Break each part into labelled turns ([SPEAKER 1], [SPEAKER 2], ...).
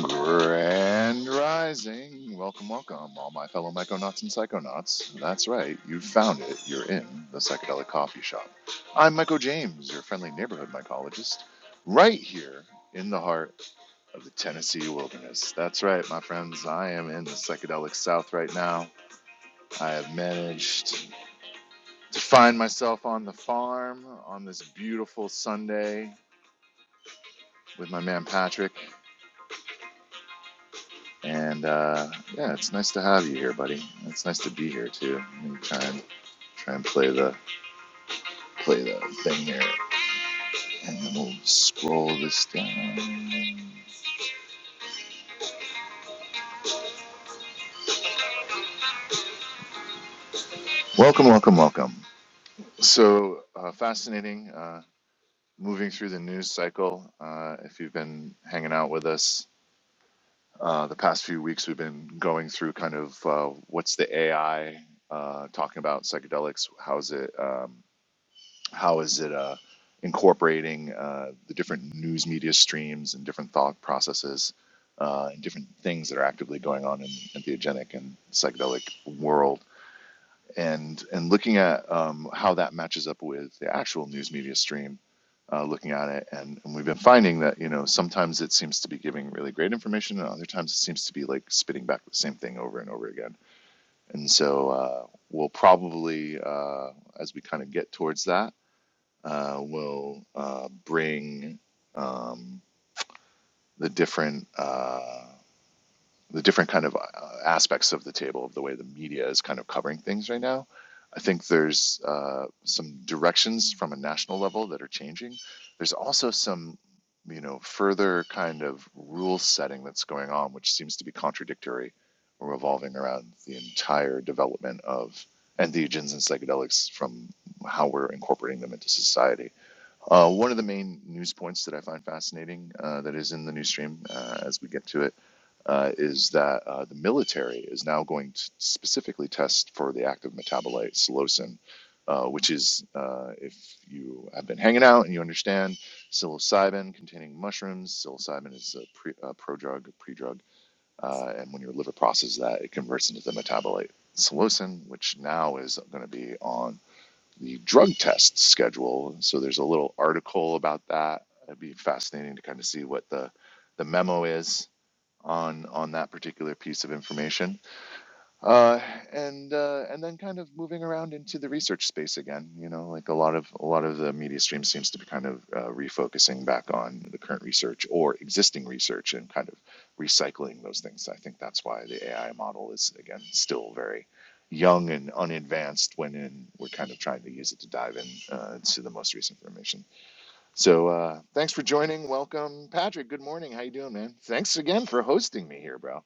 [SPEAKER 1] Grand Rising. Welcome, welcome, all my fellow Myconauts and Psychonauts. That's right, you found it. You're in the Psychedelic Coffee Shop. I'm Michael James, your friendly neighborhood mycologist, right here in the heart of the Tennessee wilderness. That's right, my friends, I am in the Psychedelic South right now. I have managed to find myself on the farm on this beautiful Sunday with my man Patrick. And uh, yeah, it's nice to have you here, buddy. It's nice to be here too. Let me try and try and play the play the thing here, and then we'll scroll this down. Welcome, welcome, welcome. So uh, fascinating. Uh, moving through the news cycle. Uh, if you've been hanging out with us uh, the past few weeks, we've been going through kind of uh, what's the AI uh, talking about psychedelics. How's it? Um, How is it uh, incorporating uh, the different news media streams and different thought processes uh, and different things that are actively going on in entheogenic and psychedelic world? And, and looking at um, how that matches up with the actual news media stream uh, looking at it, and, and we've been finding that you know sometimes it seems to be giving really great information, and other times it seems to be like spitting back the same thing over and over again. And so uh, we'll probably, uh, as we kind of get towards that, uh, will uh, bring um, the different uh, the different kind of uh, aspects of the table of the way the media is kind of covering things right now. I think there's uh, some directions from a national level that are changing. There's also some you know further kind of rule setting that's going on, which seems to be contradictory or revolving around the entire development of entheogens and psychedelics from how we're incorporating them into society. Uh, one of the main news points that I find fascinating uh, that is in the news stream uh, as we get to it uh, is that uh, the military is now going to specifically test for the active metabolite psilocin, uh, which is, uh, if you have been hanging out and you understand, psilocybin containing mushrooms. Psilocybin is a, pre, a prodrug, a predrug, uh, and when your liver processes that, it converts into the metabolite psilocin, which now is going to be on the drug test schedule. So there's a little article about that. It'd be fascinating to kind of see what the the memo is on on that particular piece of information uh, and uh, and then kind of moving around into the research space again. You know, like a lot of a lot of the media stream seems to be kind of uh, refocusing back on the current research or existing research and kind of recycling those things. I think that's why the AI model is again still very young and unadvanced when in, we're kind of trying to use it to dive in uh, to the most recent information. So uh, thanks for joining. Welcome, Patrick. Good morning. How you doing, man? Thanks again for hosting me here, bro.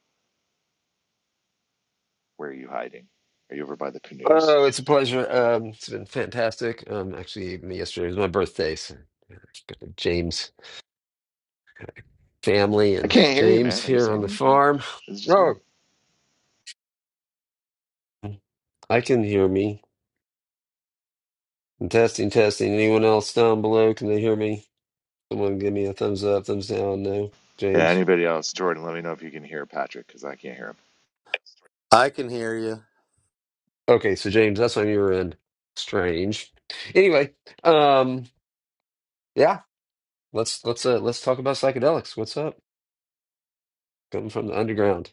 [SPEAKER 1] Where are you hiding? Are you over by the canoes?
[SPEAKER 2] Oh, it's a pleasure. Um, it's been fantastic. Um, actually, yesterday was my birthday, so yeah, got the James family
[SPEAKER 1] I
[SPEAKER 2] and
[SPEAKER 1] can't hear you,
[SPEAKER 2] James
[SPEAKER 1] man. Are you
[SPEAKER 2] here on
[SPEAKER 1] saying
[SPEAKER 2] the
[SPEAKER 1] anything?
[SPEAKER 2] farm.
[SPEAKER 1] Is it just
[SPEAKER 2] Oh,
[SPEAKER 1] me?
[SPEAKER 2] I can hear me. I'm testing, testing. Anyone else down below? Can they hear me? Someone give me a thumbs up, thumbs down. No,
[SPEAKER 1] Yeah,
[SPEAKER 2] James.
[SPEAKER 1] anybody else? Jordan, let me know if you can hear Patrick because I can't hear him.
[SPEAKER 3] I can hear you.
[SPEAKER 2] Okay, so James, that's on your end. Strange. Anyway, um, yeah, let's let's uh, let's talk about psychedelics. What's up? Coming from the underground.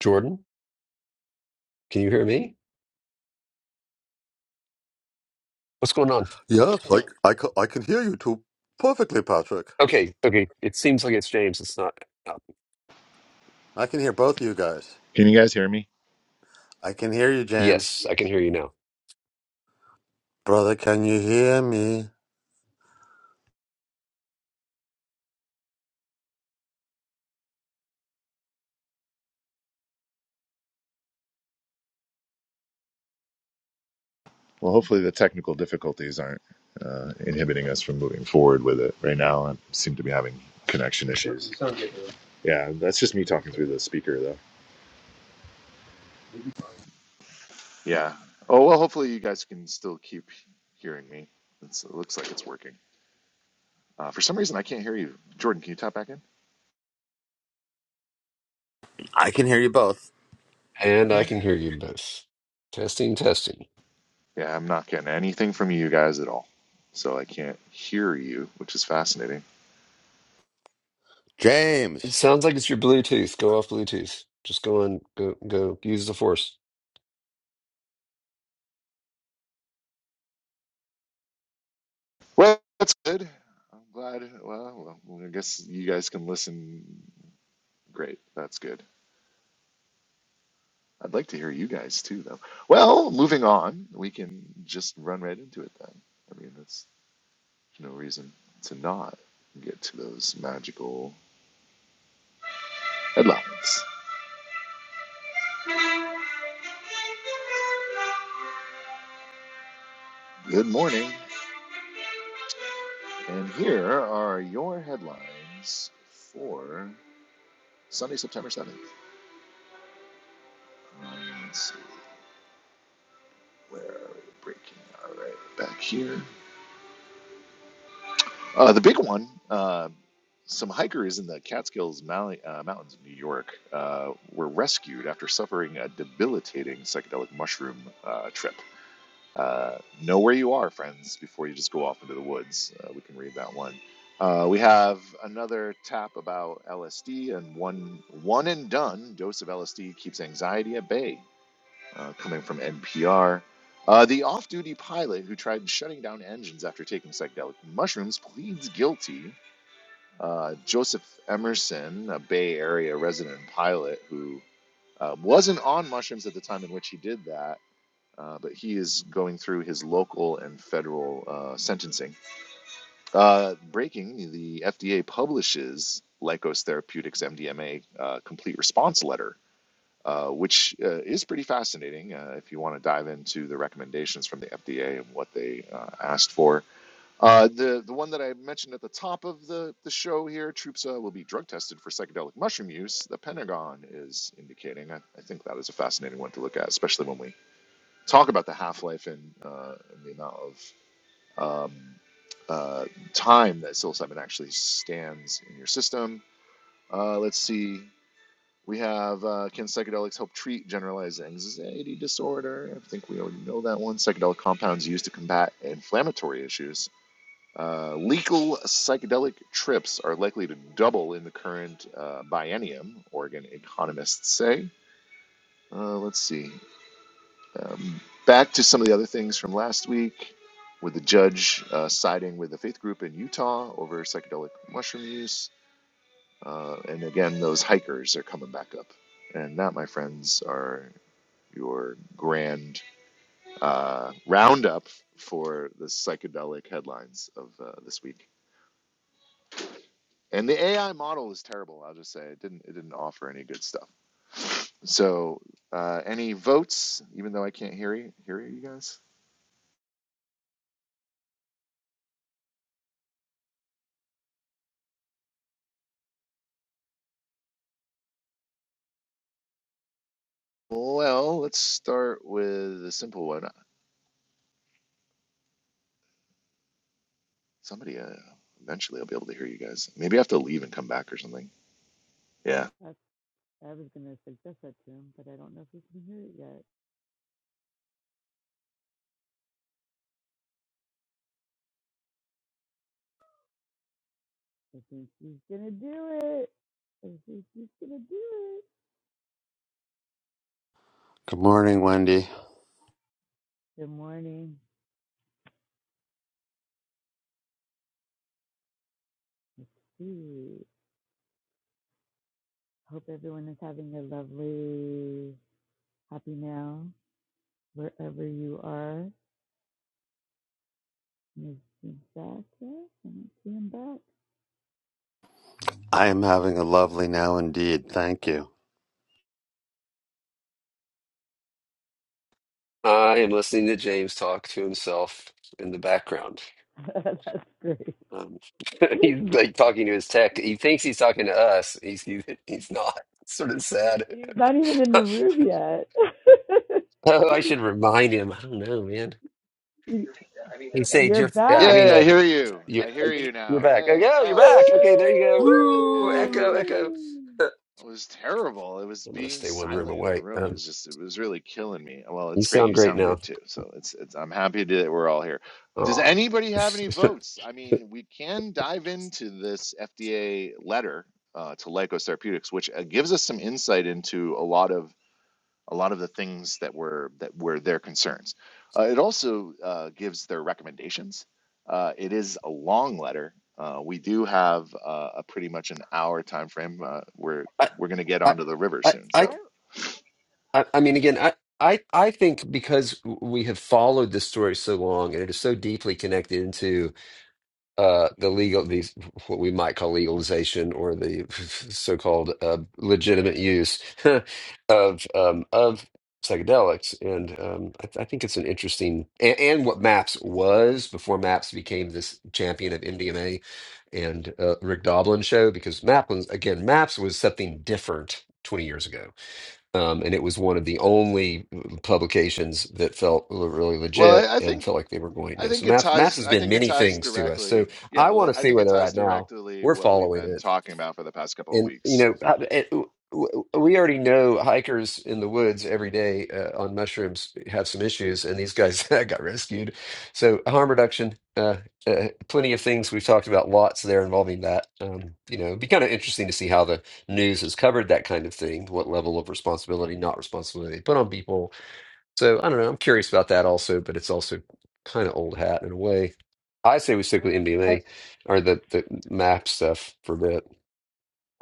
[SPEAKER 2] Jordan, can you hear me? What's going on?
[SPEAKER 3] Yes, like I, ca- I can hear you too perfectly, Patrick.
[SPEAKER 2] Okay, okay. It seems like it's James. It's not. uh,
[SPEAKER 3] I can hear both you guys.
[SPEAKER 1] Can you guys hear me?
[SPEAKER 3] I can hear you, James.
[SPEAKER 2] Yes, I can
[SPEAKER 1] Yes.
[SPEAKER 2] hear you now.
[SPEAKER 3] Brother, can you hear me?
[SPEAKER 1] Well, hopefully the technical difficulties aren't uh, inhibiting us from moving forward with it. Right now, I seem to be having connection issues. So- Yeah, that's just me talking through the speaker, though. Yeah. Oh, well, hopefully you guys can still keep hearing me. It's, it looks like it's working. Uh, for some reason, I can't hear you. Jordan, can you tap back in?
[SPEAKER 3] I can hear you both.
[SPEAKER 2] And I can hear you both. Testing, testing.
[SPEAKER 1] Yeah, I'm not getting anything from you guys at all. So I can't hear you, which is fascinating.
[SPEAKER 2] It
[SPEAKER 3] James!
[SPEAKER 2] sounds like it's your Bluetooth. Go off Bluetooth. Just go and go, go use the force.
[SPEAKER 1] Well, that's good. I'm glad. Well, well, well, I guess you guys can listen. Great. That's good. I'd like to hear you guys too, though. Well, moving on, we can just run right into it then. I mean, that's no reason to not get to those magical headlines. Good morning. And here are your headlines for Sunday, September 7th. Um, Let's see where are we breaking. All right, back here. Uh, the big one. Uh, some hikers in the Catskills Mali- uh, Mountains of New York uh, were rescued after suffering a debilitating psychedelic mushroom uh, trip. Uh, know where you are, friends, before you just go off into the woods. Uh, we can read that one. Uh, we have another tap about LSD and one one and done dose of LSD keeps anxiety at bay. uh, coming from NPR. Uh, the off duty pilot who tried shutting down engines after taking psychedelic mushrooms pleads guilty. Uh, Joseph Emerson, a Bay Area resident pilot who uh, wasn't on mushrooms at the time in which he did that, uh, but he is going through his local and federal uh, sentencing. Uh, breaking, the FDA publishes Lykos Therapeutics MDMA uh, complete response letter uh, which uh, is pretty fascinating uh, if you want to dive into the recommendations from the FDA and what they uh, asked for. Uh, the the one that I mentioned at the top of the, the show here, Troopsa will be drug tested for psychedelic mushroom use. The Pentagon is indicating. I, I think that is a fascinating one to look at, especially when we talk about the half life and, uh, and the amount of um, uh, time that psilocybin actually stands in your system. Uh, let's see. We have uh, Can psychedelics help treat generalized anxiety disorder? I think we already know that one. Psychedelic compounds used to combat inflammatory issues. Uh, legal psychedelic trips are likely to double in the current uh, biennium, Oregon economists say. Uh, let's see. Um, back to some of the other things from last week with the judge uh, siding with the faith group in Utah over psychedelic mushroom use. Uh, and again, those hikers are coming back up. And that, my friends, are your grand uh, roundup for the psychedelic headlines of uh, this week. And the AI model is terrible. I'll just say it didn't it didn't offer any good stuff. So uh, any votes? Even though I can't hear you, hear you guys. Well, let's start with a simple one. Somebody uh, eventually I'll be able to hear you guys. Maybe I have to leave and come back or something. Yeah.
[SPEAKER 4] That's, I was going to suggest that to him, but I don't know if he's gonna hear it yet. I think he's going to do it. I think he's going to do it.
[SPEAKER 3] Good morning, Wendy.
[SPEAKER 4] Good morning. Let's see. Hope everyone is having a lovely, happy now, wherever you are. Is he back yet? I don't see him back.
[SPEAKER 3] I am having a lovely now indeed. Thank you.
[SPEAKER 2] I am listening to James talk to himself in the background.
[SPEAKER 4] That's great.
[SPEAKER 2] Um, he's like talking to his tech. He thinks he's talking to us. He's he's, he's not. It's sort of
[SPEAKER 4] Yeah,
[SPEAKER 2] sad.
[SPEAKER 4] he's not even in the room yet.
[SPEAKER 2] oh, I should remind him. I don't know, man.
[SPEAKER 4] You-
[SPEAKER 2] He Sage,
[SPEAKER 4] are
[SPEAKER 2] you I
[SPEAKER 4] back.
[SPEAKER 1] Yay!
[SPEAKER 2] mean,
[SPEAKER 1] I
[SPEAKER 2] uh,
[SPEAKER 1] hear you.
[SPEAKER 2] You're,
[SPEAKER 1] I hear you
[SPEAKER 2] you're
[SPEAKER 1] now.
[SPEAKER 2] back. Oh,
[SPEAKER 1] Yay!
[SPEAKER 2] yeah, you're
[SPEAKER 1] Oh
[SPEAKER 2] back.
[SPEAKER 1] shit.
[SPEAKER 2] Okay, there you go. Woo!
[SPEAKER 1] Yay!
[SPEAKER 2] Echo,
[SPEAKER 3] Woo!
[SPEAKER 2] echo.
[SPEAKER 4] Woohoo!
[SPEAKER 2] I'm
[SPEAKER 1] It was terrible. It was
[SPEAKER 2] gonna
[SPEAKER 1] being
[SPEAKER 2] stay one room
[SPEAKER 1] silent in the
[SPEAKER 2] away.
[SPEAKER 1] room It
[SPEAKER 2] Um,
[SPEAKER 1] was just it was really killing me. Well,
[SPEAKER 2] you
[SPEAKER 1] it's great.
[SPEAKER 2] sound
[SPEAKER 1] You
[SPEAKER 2] great
[SPEAKER 1] sound
[SPEAKER 2] now.
[SPEAKER 1] good too. So it's it's I'm happy that we're all here. Does
[SPEAKER 2] Oh,
[SPEAKER 1] anybody have any votes? I mean, we can dive into this FDA letter uh, to Lykos Therapeutics, which uh, gives us some insight into a lot of a lot of the things that were that were their concerns. Uh, it also uh, gives their recommendations. Uh, it is a long letter. Uh, we do have uh, a pretty much an hour time frame. Uh, we're
[SPEAKER 2] I,
[SPEAKER 1] we're going to get
[SPEAKER 2] I,
[SPEAKER 1] onto the river
[SPEAKER 2] I,
[SPEAKER 1] soon.
[SPEAKER 2] I,
[SPEAKER 4] I'm
[SPEAKER 1] So,
[SPEAKER 2] I I mean, again, I, I, I think because we have followed this story so long, and it is so deeply connected into. uh, the legal, the what we might call legalization or the so-called uh, legitimate use of um, of psychedelics, and um, I, th- I think it's an interesting and, and what MAPS was before MAPS became this champion of MDMA and uh, Rick Doblin show because MAPS was- again MAPS was something different twenty years ago um, and it was one of the only mm, publications that felt l- really
[SPEAKER 1] well,
[SPEAKER 2] legit
[SPEAKER 1] I, I
[SPEAKER 2] and
[SPEAKER 1] think
[SPEAKER 2] felt like they were going
[SPEAKER 1] I
[SPEAKER 2] to. So
[SPEAKER 1] think it
[SPEAKER 2] Maps Maps
[SPEAKER 1] ties.
[SPEAKER 2] has
[SPEAKER 1] I
[SPEAKER 2] been
[SPEAKER 1] think it
[SPEAKER 2] many
[SPEAKER 1] ties
[SPEAKER 2] things to us. So
[SPEAKER 1] directly.
[SPEAKER 2] I
[SPEAKER 1] Yeah, li-
[SPEAKER 2] want to
[SPEAKER 1] I
[SPEAKER 2] see
[SPEAKER 1] think
[SPEAKER 2] where
[SPEAKER 1] it
[SPEAKER 2] they're
[SPEAKER 1] ties
[SPEAKER 2] at now.
[SPEAKER 1] directly
[SPEAKER 2] We're
[SPEAKER 1] what we've
[SPEAKER 2] following
[SPEAKER 1] been
[SPEAKER 2] it.
[SPEAKER 1] talking about for the past couple of
[SPEAKER 2] And you
[SPEAKER 1] weeks.
[SPEAKER 2] know, I- it, w- we already know hikers in the woods every day uh, on mushrooms have some issues, and these guys got rescued. So harm reduction, uh, uh, plenty of things we've talked about lots there involving that. Um, you know, it'd be kind of interesting to see how the news has covered that kind of thing, what level of responsibility, not responsibility they put on people. So I don't know. I'm curious about that also, but it's also kind of old hat in a way. I say we
[SPEAKER 4] i
[SPEAKER 2] stick with
[SPEAKER 4] I
[SPEAKER 2] MDMA or the, the MAP stuff for a bit.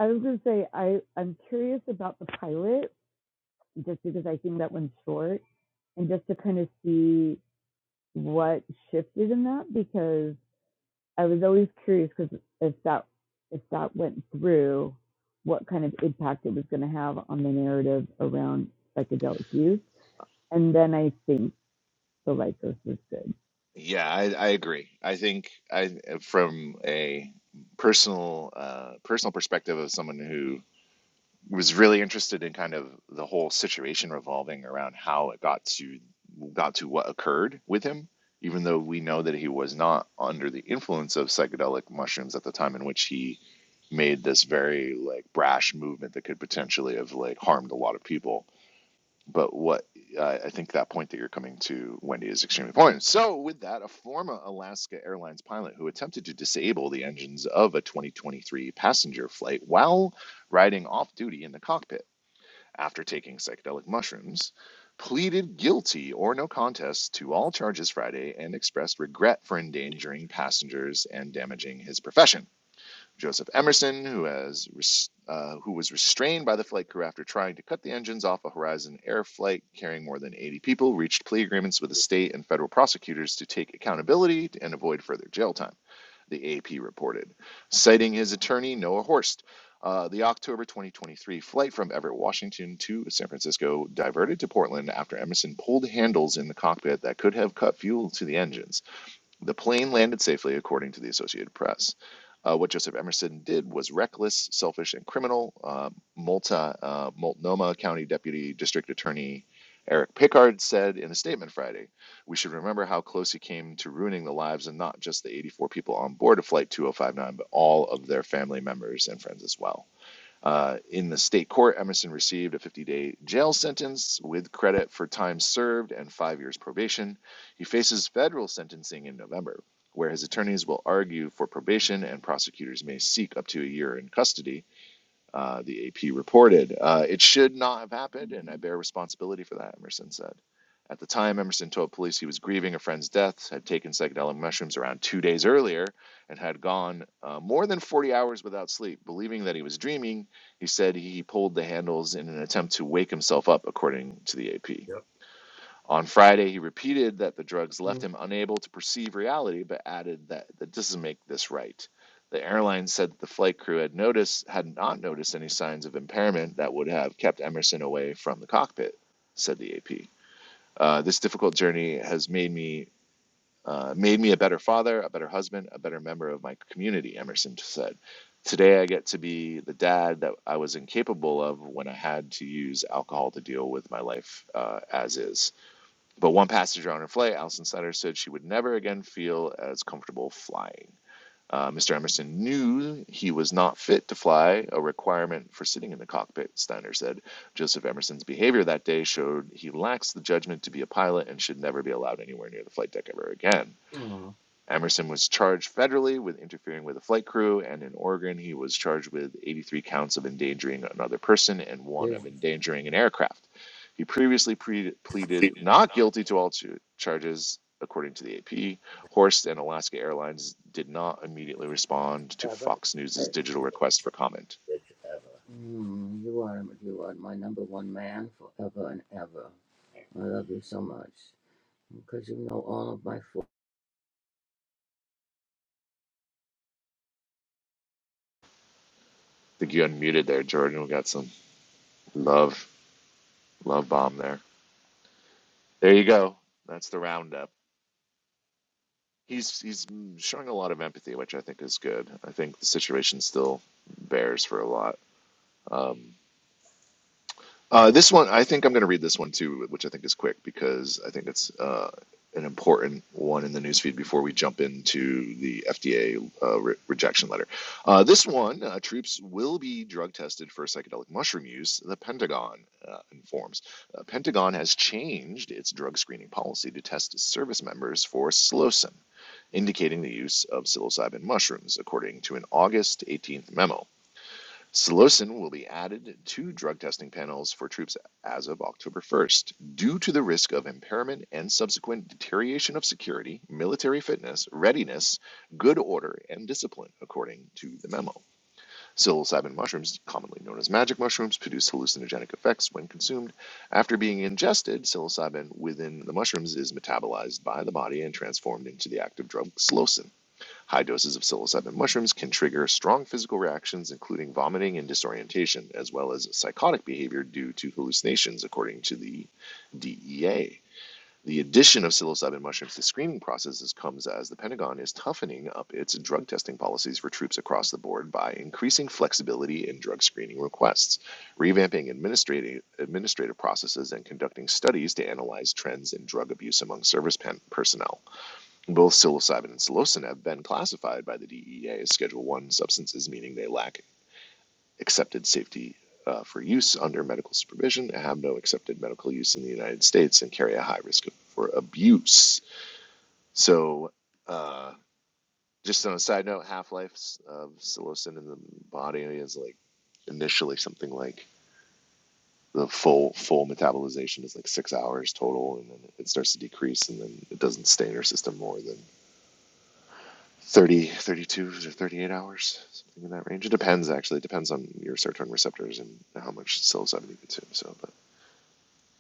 [SPEAKER 4] was gonna say I I'm curious about the pilot just because I think that one's short and just to kind of see what shifted in that because I was always curious because if that if that went through, what kind of impact it was going to have on the narrative around psychedelic use, and then I think the Lycos was good.
[SPEAKER 1] Yeah, I, I agree. I think I from a personal uh, personal perspective of someone who was really interested in kind of the whole situation revolving around how it got to got to what occurred with him even though we know that he was not under the influence of psychedelic mushrooms at the time in which he made this very like brash movement that could potentially have like harmed a lot of people but what I I think that point that you're coming to, Wendy, is extremely important. So, with that, a former Alaska Airlines pilot who attempted to disable the engines of a 2023 passenger flight while riding off duty in the cockpit after taking psychedelic mushrooms pleaded guilty or no contest to all charges Friday and expressed regret for endangering passengers and damaging his profession. Joseph Emerson, who has uh, who was restrained by the flight crew after trying to cut the engines off a Horizon Air flight carrying more than 80 people, reached plea agreements with the state and federal prosecutors to take accountability and avoid further jail time. The AP reported, citing his attorney Noah Horst. Uh, the October 2023 flight from Everett, Washington to San Francisco diverted to Portland after Emerson pulled handles in the cockpit that could have cut fuel to the engines. The plane landed safely, according to the Associated Press. Uh, what Joseph Emerson did was reckless, selfish, and criminal. Uh, Multa, uh, Multnomah County Deputy District Attorney Eric Pickard said in a statement Friday, "We should remember how close he came to ruining the lives and not just the 84 people on board of Flight 2059, but all of their family members and friends as well." Uh, in the state court, Emerson received a 50 day jail sentence with credit for time served and five years probation. He faces federal sentencing in November, where his attorneys will argue for probation and prosecutors may seek up to a year in custody uh, the AP reported. Uh, it should not have happened, and I bear responsibility for that, Emerson said. At the time, Emerson told police he was grieving a friend's death, had taken psychedelic mushrooms around two days earlier, and had gone uh, more than 40 hours without sleep. Believing that he was dreaming, he said he pulled the handles in an attempt to wake himself up, according to the AP.
[SPEAKER 3] Yep.
[SPEAKER 1] On Friday, he repeated that the drugs left him unable to perceive reality, but added that that doesn't make this right. The airline said that the flight crew had noticed had not noticed any signs of impairment that would have kept Emerson away from the cockpit, said the AP. Uh, this difficult journey has made me uh, made me a better father, a better husband, a better member of my community. Emerson said, "Today I get to be the dad that I was incapable of when I had to use alcohol to deal with my life uh, as is." But one passenger on her flight, Alison Sutter, said she would never again feel as comfortable flying. Uh, Mr. Emerson knew he was not fit to fly, a requirement for sitting in the cockpit, Steiner said. Joseph Emerson's behavior that day showed he lacks the judgment to be a pilot and should never be allowed anywhere near the flight deck ever again. Emerson was charged federally with interfering with a flight crew, and in Oregon, he was charged with 83 counts of endangering another person and one of endangering an aircraft. He previously pre- pleaded not guilty to all ch- charges, according to the AP. Horst and Alaska Airlines did not immediately respond to Fox News' digital request for comment. I think you unmuted there, Jordan. We got some love, love bomb there. There you go. That's the roundup. he's he's showing a lot of empathy, which I think is good. I think the situation still bears for a lot. Um, uh, this one, I think I'm going to read this one too, which I think is quick because I think it's uh, an important one in the newsfeed before we jump into the FDA uh, re- rejection letter. Uh, this one, uh, troops will be drug tested for psychedelic mushroom use, the Pentagon uh, informs. Uh, Pentagon has changed its drug screening policy to test service members for psilocin, indicating the use of psilocybin mushrooms, according to an August 18th memo. Psilocin will be added to drug testing panels for troops as of October 1st. Due to the risk of impairment and subsequent deterioration of security, military fitness, readiness, good order, and discipline, according to the memo. Psilocybin mushrooms, commonly known as magic mushrooms, produce hallucinogenic effects when consumed. After being ingested, psilocybin within the mushrooms is metabolized by the body and transformed into the active drug psilocin. High doses of psilocybin mushrooms can trigger strong physical reactions, including vomiting and disorientation, as well as psychotic behavior due to hallucinations, according to the DEA. The addition of psilocybin mushrooms to screening processes comes as the Pentagon is toughening up its drug testing policies for troops across the board by increasing flexibility in drug screening requests, revamping administrative, administrative processes, and conducting studies to analyze trends in drug abuse among service personnel. Both psilocybin and psilocin have been classified by the DEA as Schedule One substances, meaning they lack accepted safety uh, for use under medical supervision, have no accepted medical use in the United States, and carry a high risk of, for abuse. So, uh, just on a side note, half lives of psilocin in the body is like initially something like the full full metabolization is like six hours total, and then it starts to decrease, and then it doesn't stay in your system more than 30, 32, or 38 hours, something in that range. It depends, actually. It depends on your serotonin receptors and how much psilocybin you consume. So, but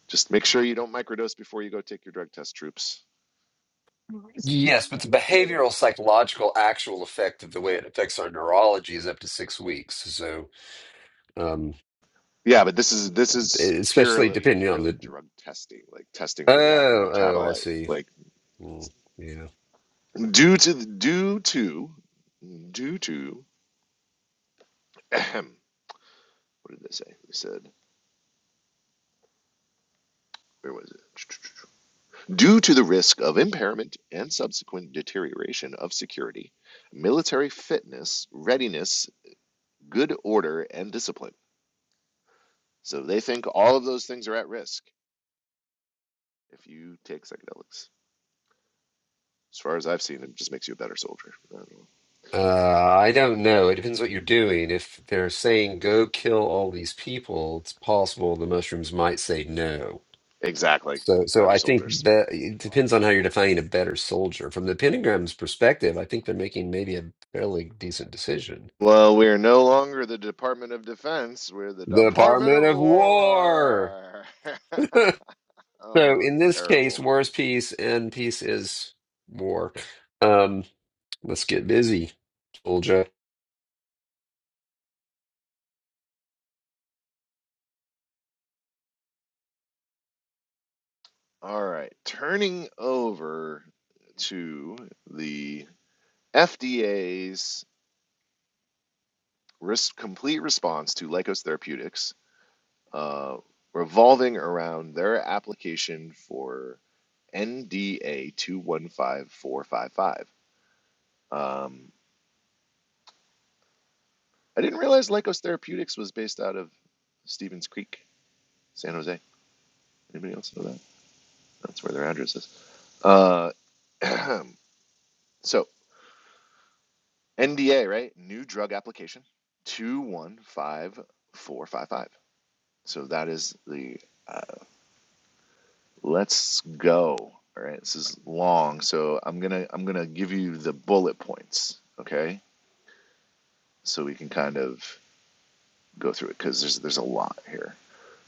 [SPEAKER 1] just make sure you don't microdose before you go take your drug test, troops.
[SPEAKER 2] Yes, but the behavioral, psychological, actual effect of the way it affects our neurology is up to six weeks. So, um,
[SPEAKER 1] Yeah, but this is this
[SPEAKER 2] e,
[SPEAKER 1] is
[SPEAKER 2] especially
[SPEAKER 1] purely
[SPEAKER 2] depending on
[SPEAKER 1] purely
[SPEAKER 2] the.
[SPEAKER 1] drug testing, like testing for the active
[SPEAKER 2] Oh, oh, I
[SPEAKER 1] metabolite.
[SPEAKER 2] see.
[SPEAKER 1] Like
[SPEAKER 2] Mm, yeah.
[SPEAKER 1] due to the- due to due to what did they say? They said where was it? Due to the risk of impairment and subsequent deterioration of security, military fitness, readiness, good order, and discipline. So they think all of those things are at risk if you take psychedelics. As far as I've seen, it just makes you a better soldier. I don't know.
[SPEAKER 2] Uh, I don't know. It depends what you're doing. If they're saying go kill all these people, it's possible the mushrooms might say no.
[SPEAKER 1] Exactly.
[SPEAKER 2] So, so
[SPEAKER 1] Better
[SPEAKER 2] I think
[SPEAKER 1] soldiers.
[SPEAKER 2] that it depends on how you're defining a better soldier. From the Pentagram's perspective, I think they're making maybe a fairly decent decision.
[SPEAKER 1] Well, we're no longer the Department of Defense. We're the
[SPEAKER 2] The
[SPEAKER 1] Department
[SPEAKER 2] Department
[SPEAKER 1] of
[SPEAKER 2] of War.
[SPEAKER 1] War.
[SPEAKER 2] So
[SPEAKER 1] oh,
[SPEAKER 2] in this case,
[SPEAKER 1] terrible.
[SPEAKER 2] war is peace and peace is war. Um, let's get busy, soldier.
[SPEAKER 1] All right. Turning over to the FDA's risk complete response to Lykos Therapeutics, uh, revolving around their application for NDA two one five four five five. Um, I didn't realize Lykos Therapeutics was based out of Stevens Creek, San Jose. Anybody else know that? That's where their address is. Uh, so NDA, right? New drug application two one five four five five. So that is the uh, Let's go. All right, this is long, so I'm gonna I'm gonna give you the bullet points, okay? So we can kind of go through it because there's there's a lot here.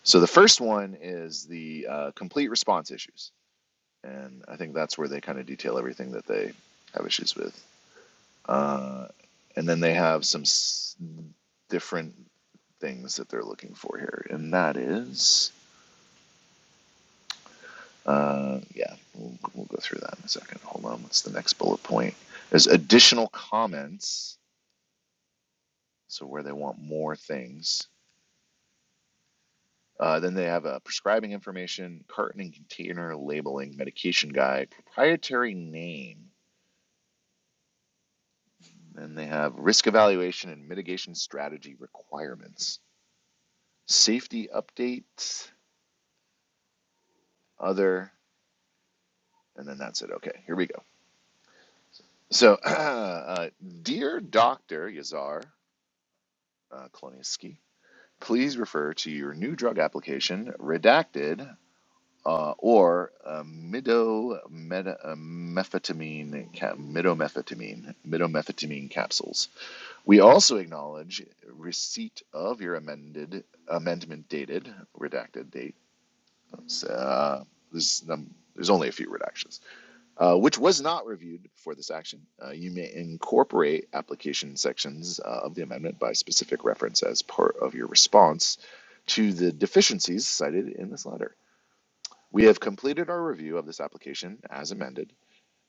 [SPEAKER 1] So the first one is the uh, complete response issues, and I think that's where they kind of detail everything that they have issues with. Uh, and then they have some s- different things that they're looking for here, and that is Uh, yeah, we'll, we'll go through that in a second. Hold on. What's the next bullet point? There's additional comments, so where they want more things. Uh, then they have a prescribing information, carton and container labeling, medication guide, proprietary name. Then they have risk evaluation and mitigation strategy requirements, safety updates, other, and then that's it. Okay, here we go. So, uh, uh, dear Doctor Yazar uh, Kloniski, please refer to your new drug application, redacted, uh, or uh, midomethaphamine, ca- midomethaphamine, midomethaphamine capsules. We also acknowledge receipt of your amended amendment dated, redacted date. Uh, there's, um, there's only a few redactions uh, which was not reviewed before this action. Uh, you may incorporate application sections uh, of the amendment by specific reference as part of your response to the deficiencies cited in this letter. We have completed our review of this application as amended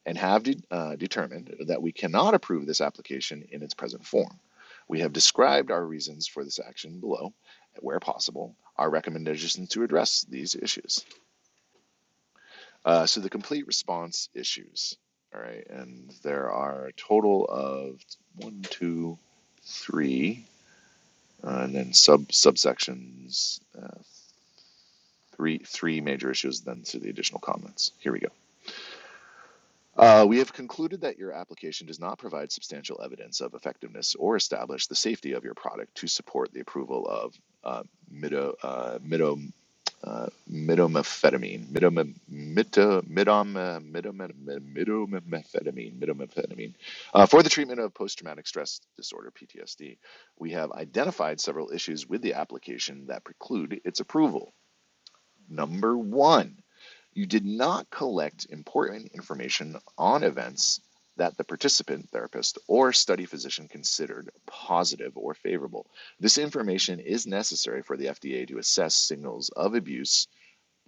[SPEAKER 1] and have de- uh, determined that we cannot approve this application in its present form. We have described our reasons for this action below, and, where possible, our recommendations to address these issues. Uh, so the complete response issues. All right, and there are a total of one, two, three, uh, and then sub subsections. Uh, three three major issues. Then to the additional comments. Here we go. Uh, we have concluded that your application does not provide substantial evidence of effectiveness or establish the safety of your product to support the approval of uh, mido, uh, mido, uh, midomethadamine, midome- mito- midom- uh, midome- midomethadamine, uh, for the treatment of post-traumatic stress disorder (PTSD). We have identified several issues with the application that preclude its approval. Number one. You did not collect important information on events that the participant therapist or study physician considered positive or favorable. This information is necessary for the FDA to assess signals of abuse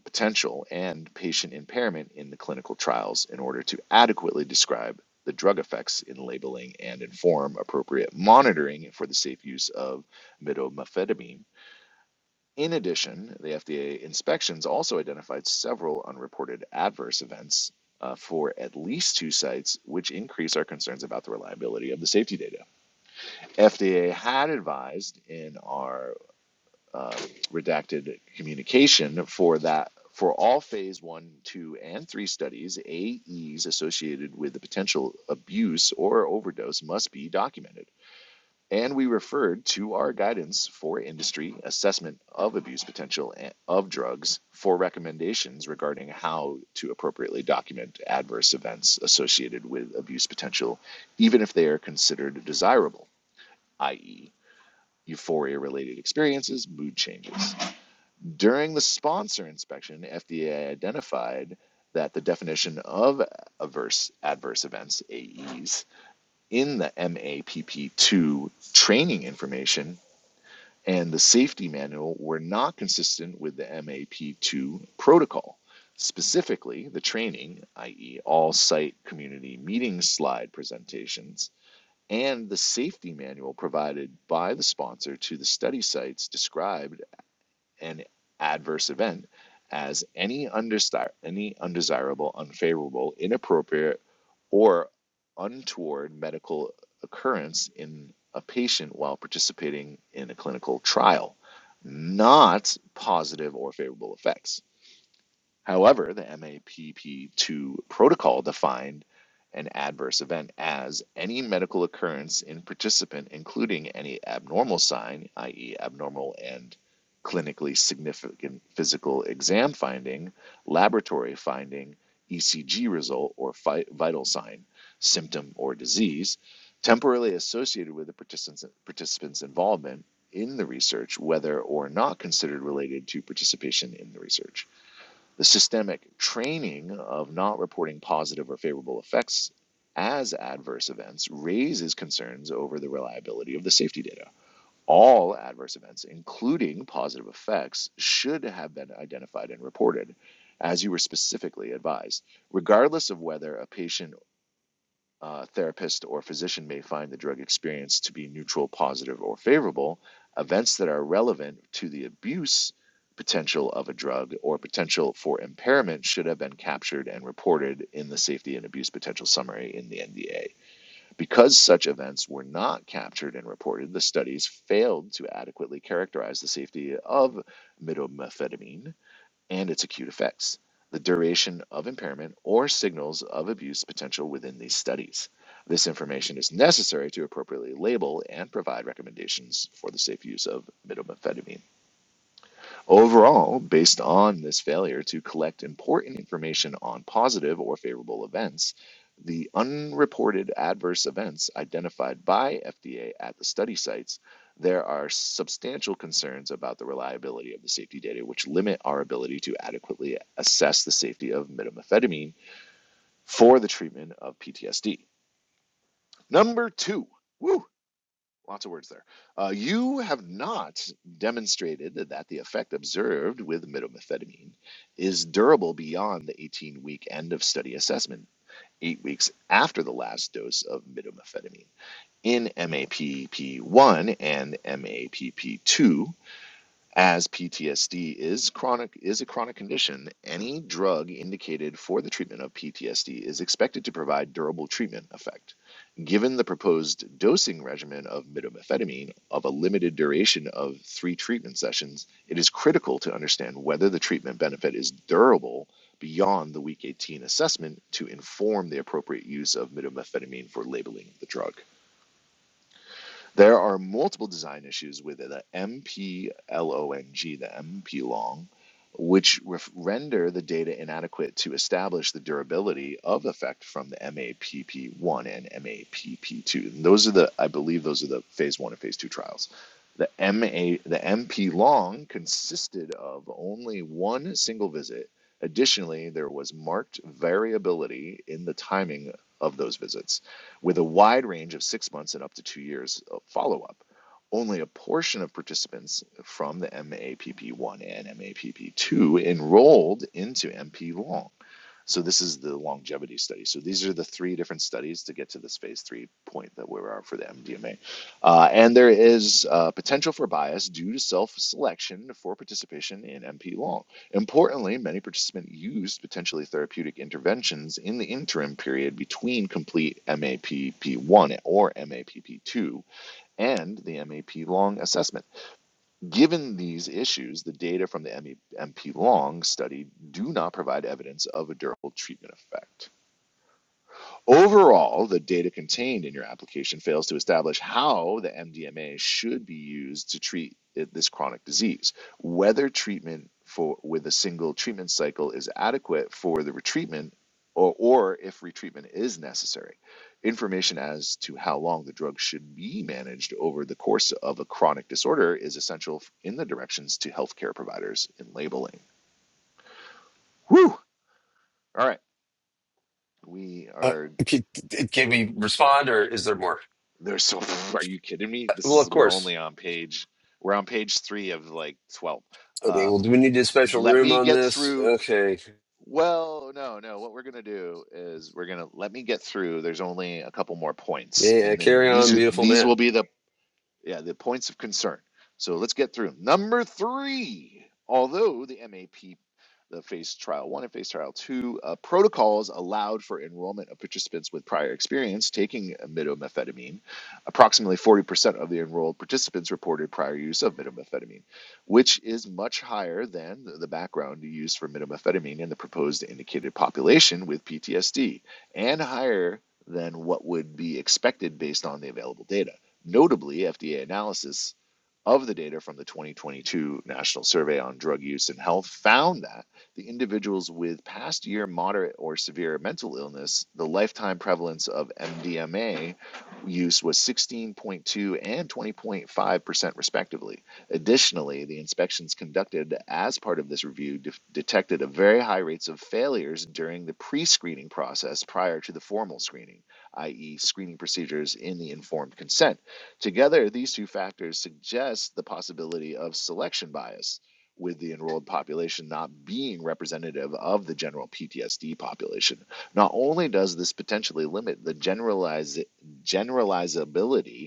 [SPEAKER 1] potential and patient impairment in the clinical trials in order to adequately describe the drug effects in labeling and inform appropriate monitoring for the safe use of methamphetamine. In addition, the FDA inspections also identified several unreported adverse events uh, for at least two sites, which increase our concerns about the reliability of the safety data. FDA had advised in our um, redacted communication for that for all phase one, two, and three studies, AEs associated with the potential abuse or overdose must be documented and we referred to our guidance for industry assessment of abuse potential of drugs for recommendations regarding how to appropriately document adverse events associated with abuse potential, even if they are considered desirable, i.e., euphoria related experiences, mood changes. During the sponsor inspection, FDA identified that the definition of adverse adverse events, AEs, in the MAPP2 training information and the safety manual were not consistent with the MAP2 protocol. Specifically, the training, i.e., all site community meeting slide presentations, and the safety manual provided by the sponsor to the study sites described an adverse event as any undesir- any undesirable, unfavorable, inappropriate, or untoward medical occurrence in a patient while participating in a clinical trial, not positive or favorable effects. However, the MAPP2 protocol defined an adverse event as any medical occurrence in participant, including any abnormal sign, i.e., abnormal and clinically significant physical exam finding, laboratory finding, ECG result, or vital sign, symptom, or disease, temporarily associated with the participants, participants' involvement in the research, whether or not considered related to participation in the research. The systemic training of not reporting positive or favorable effects as adverse events raises concerns over the reliability of the safety data. All adverse events, including positive effects, should have been identified and reported, as you were specifically advised, regardless of whether a patient uh, therapist or physician may find the drug experience to be neutral, positive, or favorable. Events that are relevant to the abuse potential of a drug or potential for impairment should have been captured and reported in the safety and abuse potential summary in the NDA. Because such events were not captured and reported, the studies failed to adequately characterize the safety of midomethamphetamine and its acute effects, the duration of impairment, or signals of abuse potential within these studies. This information is necessary to appropriately label and provide recommendations for the safe use of methamphetamines. Overall, based on this failure to collect important information on positive or favorable events, the unreported adverse events identified by FDA at the study sites, there are substantial concerns about the reliability of the safety data, which limit our ability to adequately assess the safety of methamphetamine for the treatment of PTSD. Number two, woo, lots of words there. Uh, you have not demonstrated that the effect observed with midomethamphetamine is durable beyond the 18 week end of study assessment, eight weeks after the last dose of midomethamphetamine in MAPP1 and MAPP2 as PTSD is chronic is a chronic condition, any drug indicated for the treatment of PTSD is expected to provide durable treatment effect. Given the proposed dosing regimen of midomethamphetamine of a limited duration of 3 treatment sessions, it is critical to understand whether the treatment benefit is durable beyond the week 18 assessment to inform the appropriate use of midomethamphetamine for labeling the drug. There are multiple design issues with the MPLONG, the M P long, which ref- render the data inadequate to establish the durability of effect from the MAPP1 and MAPP2. And those are the, I believe, those are the phase one and phase two trials. The MA, the MP long consisted of only one single visit. Additionally, there was marked variability in the timing of those visits with a wide range of six months and up to two years of follow up. Only a portion of participants from the MAPP1 and MAPP2 enrolled into MP Long. So this is the longevity study. So these are the three different studies to get to this phase three point that we are for the MDMA. Uh, and there is uh, potential for bias due to self-selection for participation in MP long. Importantly, many participants used potentially therapeutic interventions in the interim period between complete MAPP1 or MAPP2 and the MAP long assessment. Given these issues, the data from the MP Long study do not provide evidence of a durable treatment effect. Overall, the data contained in your application fails to establish how the MDMA should be used to treat this chronic disease, whether treatment for with a single treatment cycle is adequate for the retreatment or, or if retreatment is necessary. Information as to how long the drug should be managed over the course of a chronic disorder is essential in the directions to healthcare providers in labeling. Whew! All right. We
[SPEAKER 2] Uh,
[SPEAKER 1] are
[SPEAKER 2] can, can we respond or is there more?
[SPEAKER 1] There's so are you kidding me?
[SPEAKER 2] Uh,
[SPEAKER 1] This
[SPEAKER 2] Well, of
[SPEAKER 1] is we're
[SPEAKER 2] course.
[SPEAKER 1] only on page we're on page three of like 12.
[SPEAKER 2] Okay,
[SPEAKER 1] Um,
[SPEAKER 2] well, do we need a special
[SPEAKER 1] let
[SPEAKER 2] room
[SPEAKER 1] me
[SPEAKER 2] on
[SPEAKER 1] get
[SPEAKER 2] this?
[SPEAKER 1] through.
[SPEAKER 2] Okay.
[SPEAKER 1] Well, no, no. What we're gonna do is we're gonna let me get through. There's only a couple more points,
[SPEAKER 2] Yeah, yeah,
[SPEAKER 1] and then
[SPEAKER 2] carry
[SPEAKER 1] these
[SPEAKER 2] on,
[SPEAKER 1] are
[SPEAKER 2] beautiful
[SPEAKER 1] these
[SPEAKER 2] man.
[SPEAKER 1] will be the yeah, the points of concern. So let's get through Number three, although the MAP, the phase trial one and phase trial two uh, protocols allowed for enrollment of participants with prior experience taking midomethamphetamine, approximately 40% of the enrolled participants reported prior use of midomethamphetamine, which is much higher than the background use for midomethamphetamine in the proposed indicated population with PTSD, and higher than what would be expected based on the available data. Notably, FDA analysis of the data from the 2022 National Survey on Drug Use and Health found that the individuals with past year moderate or severe mental illness, the lifetime prevalence of MDMA use was 16.2 and 20.5% respectively. Additionally, the inspections conducted as part of this review de- detected a very high rates of failures during the pre-screening process prior to the formal screening, i.e. screening procedures in the informed consent Together, these two factors suggest the possibility of selection bias, with the enrolled population not being representative of the general PTSD population. Not only does this potentially limit the generalize, generalizability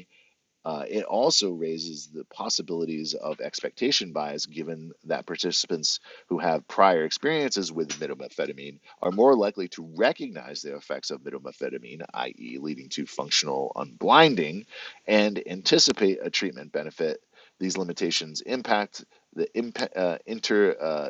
[SPEAKER 1] uh, it also raises the possibilities of expectation bias given that participants who have prior experiences with methamphetamine are more likely to recognize the effects of methamphetamine, i.e., leading to functional unblinding, and anticipate a treatment benefit. These limitations impact the imp- uh, inter, uh,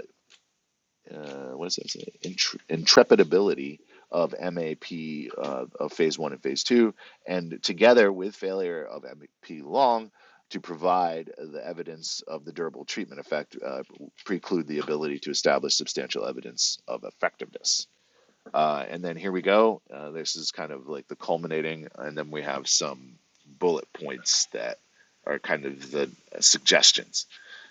[SPEAKER 1] uh, what does that say? Intre- intrepidability of MAP uh, of phase one and phase two, and together with failure of MAP long to provide the evidence of the durable treatment effect, uh, preclude the ability to establish substantial evidence of effectiveness. Uh, and then here we go. Uh, this is kind of like the culminating, and then we have some bullet points that are kind of the suggestions.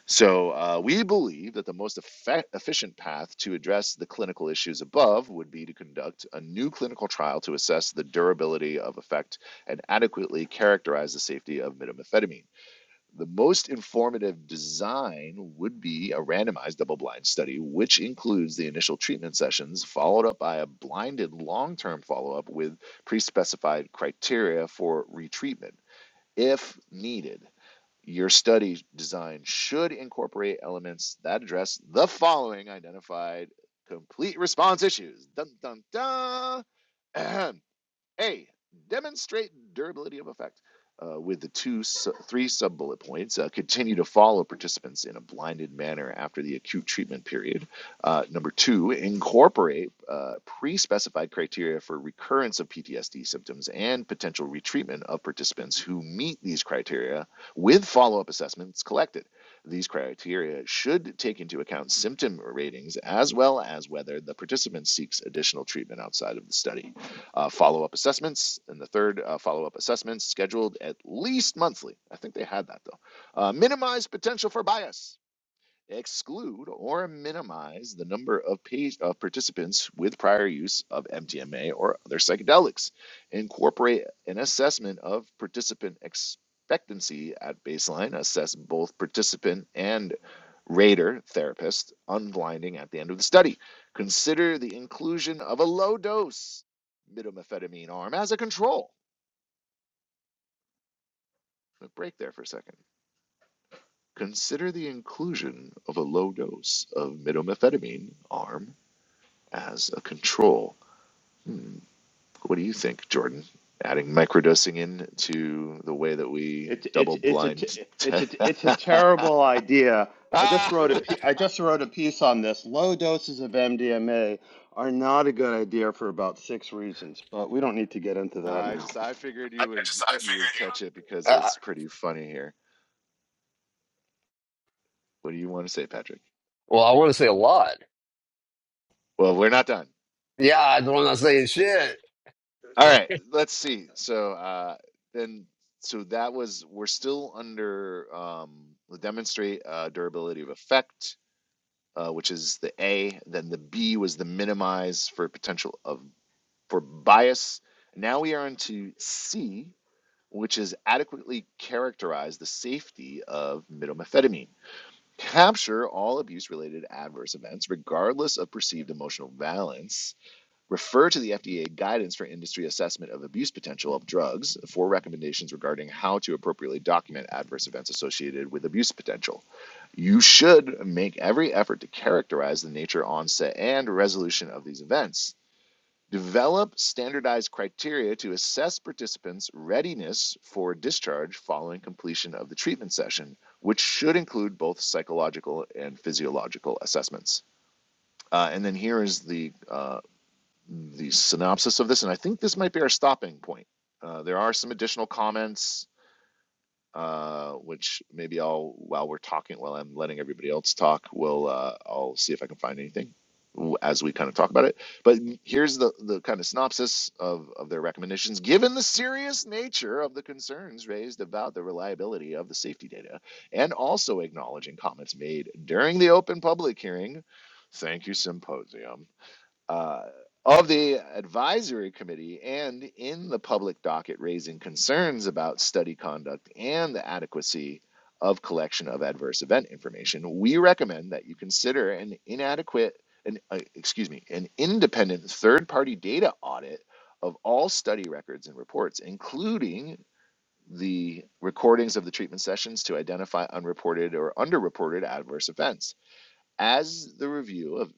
[SPEAKER 1] So uh, we believe that the most effect- efficient path to address the clinical issues above would be to conduct a new clinical trial to assess the durability of effect and adequately characterize the safety of methamphetamine. The most informative design would be a randomized double blind study, which includes the initial treatment sessions, followed up by a blinded long term follow up with pre specified criteria for retreatment if needed. Your study design should incorporate elements that address the following identified complete response issues. Dun dun dun. Ahem. A, demonstrate durability of effect uh, with the two, su- three sub bullet points. Uh, continue to follow participants in a blinded manner after the acute treatment period. Uh, number two, incorporate uh, pre specified criteria for recurrence of PTSD symptoms and potential retreatment of participants who meet these criteria with follow up assessments collected. These criteria should take into account symptom ratings as well as whether the participant seeks additional treatment outside of the study. Uh, follow up assessments, and the third, uh, follow up assessments scheduled at least monthly. I think they had that though. Uh, minimize potential for bias exclude or minimize the number of page of participants with prior use of MDMA or other psychedelics. Incorporate an assessment of participant expectancy at baseline. Assess both participant and rater therapist unblinding at the end of the study. Consider the inclusion of a low dose methamphetamine arm as a control. A break there for a second. Consider the inclusion of a low dose of methamphetamine arm as a control. Hmm. What do you think, Jordan? Adding microdosing in to the way that we
[SPEAKER 3] It's it's
[SPEAKER 1] double
[SPEAKER 3] it's a t-
[SPEAKER 1] blind.
[SPEAKER 3] it's
[SPEAKER 1] Te-
[SPEAKER 3] a it's a terrible idea. I just
[SPEAKER 1] Ah!
[SPEAKER 3] wrote a
[SPEAKER 2] I
[SPEAKER 3] pe- I just wrote a piece on this. Low doses of MDMA are not a good idea for about six reasons, but we don't need to get into
[SPEAKER 1] No,
[SPEAKER 3] that
[SPEAKER 1] I
[SPEAKER 3] now.
[SPEAKER 1] just I figured
[SPEAKER 2] I
[SPEAKER 1] you would
[SPEAKER 2] just, I
[SPEAKER 1] you would
[SPEAKER 2] figured
[SPEAKER 1] catch
[SPEAKER 2] you.
[SPEAKER 1] it because
[SPEAKER 2] Uh,
[SPEAKER 1] it's pretty funny here. What do you want to say, Patrick?
[SPEAKER 2] well, I want to say a lot.
[SPEAKER 1] Well, we're not done.
[SPEAKER 2] Yeah, I don't want to say shit.
[SPEAKER 1] All right, let's see. So uh, then, so that was we're still under um, the demonstrate uh, durability of effect, uh, which is the A. Then the B was the minimize for potential of for bias. Now we are into C, which is adequately characterize the safety of methamphetamine. Capture all abuse related adverse events, regardless of perceived emotional valence. Refer to the FDA guidance for industry assessment of abuse potential of drugs for recommendations regarding how to appropriately document adverse events associated with abuse potential. You should make every effort to characterize the nature, onset, and resolution of these events Develop standardized criteria to assess participants' readiness for discharge following completion of the treatment session, which should include both psychological and physiological assessments. Uh, and then here is the uh, the synopsis of this, and I think this might be our stopping point. Uh, there are some additional comments uh, which maybe I'll while we're talking, while I'm letting everybody else talk, we'll uh, I'll see if I can find anything as we kind of talk about it. But here's the the kind of synopsis of of their recommendations. Given the serious nature of the concerns raised about the reliability of the safety data, and also acknowledging comments made during the open public hearing. Thank you, symposium uh, of the advisory committee and in the public docket raising concerns about study conduct and the adequacy of collection of adverse event information, we recommend that you consider an inadequate, an, uh, excuse me, an independent third party data audit of all study records and reports, including the recordings of the treatment sessions to identify unreported or underreported adverse events. As the review of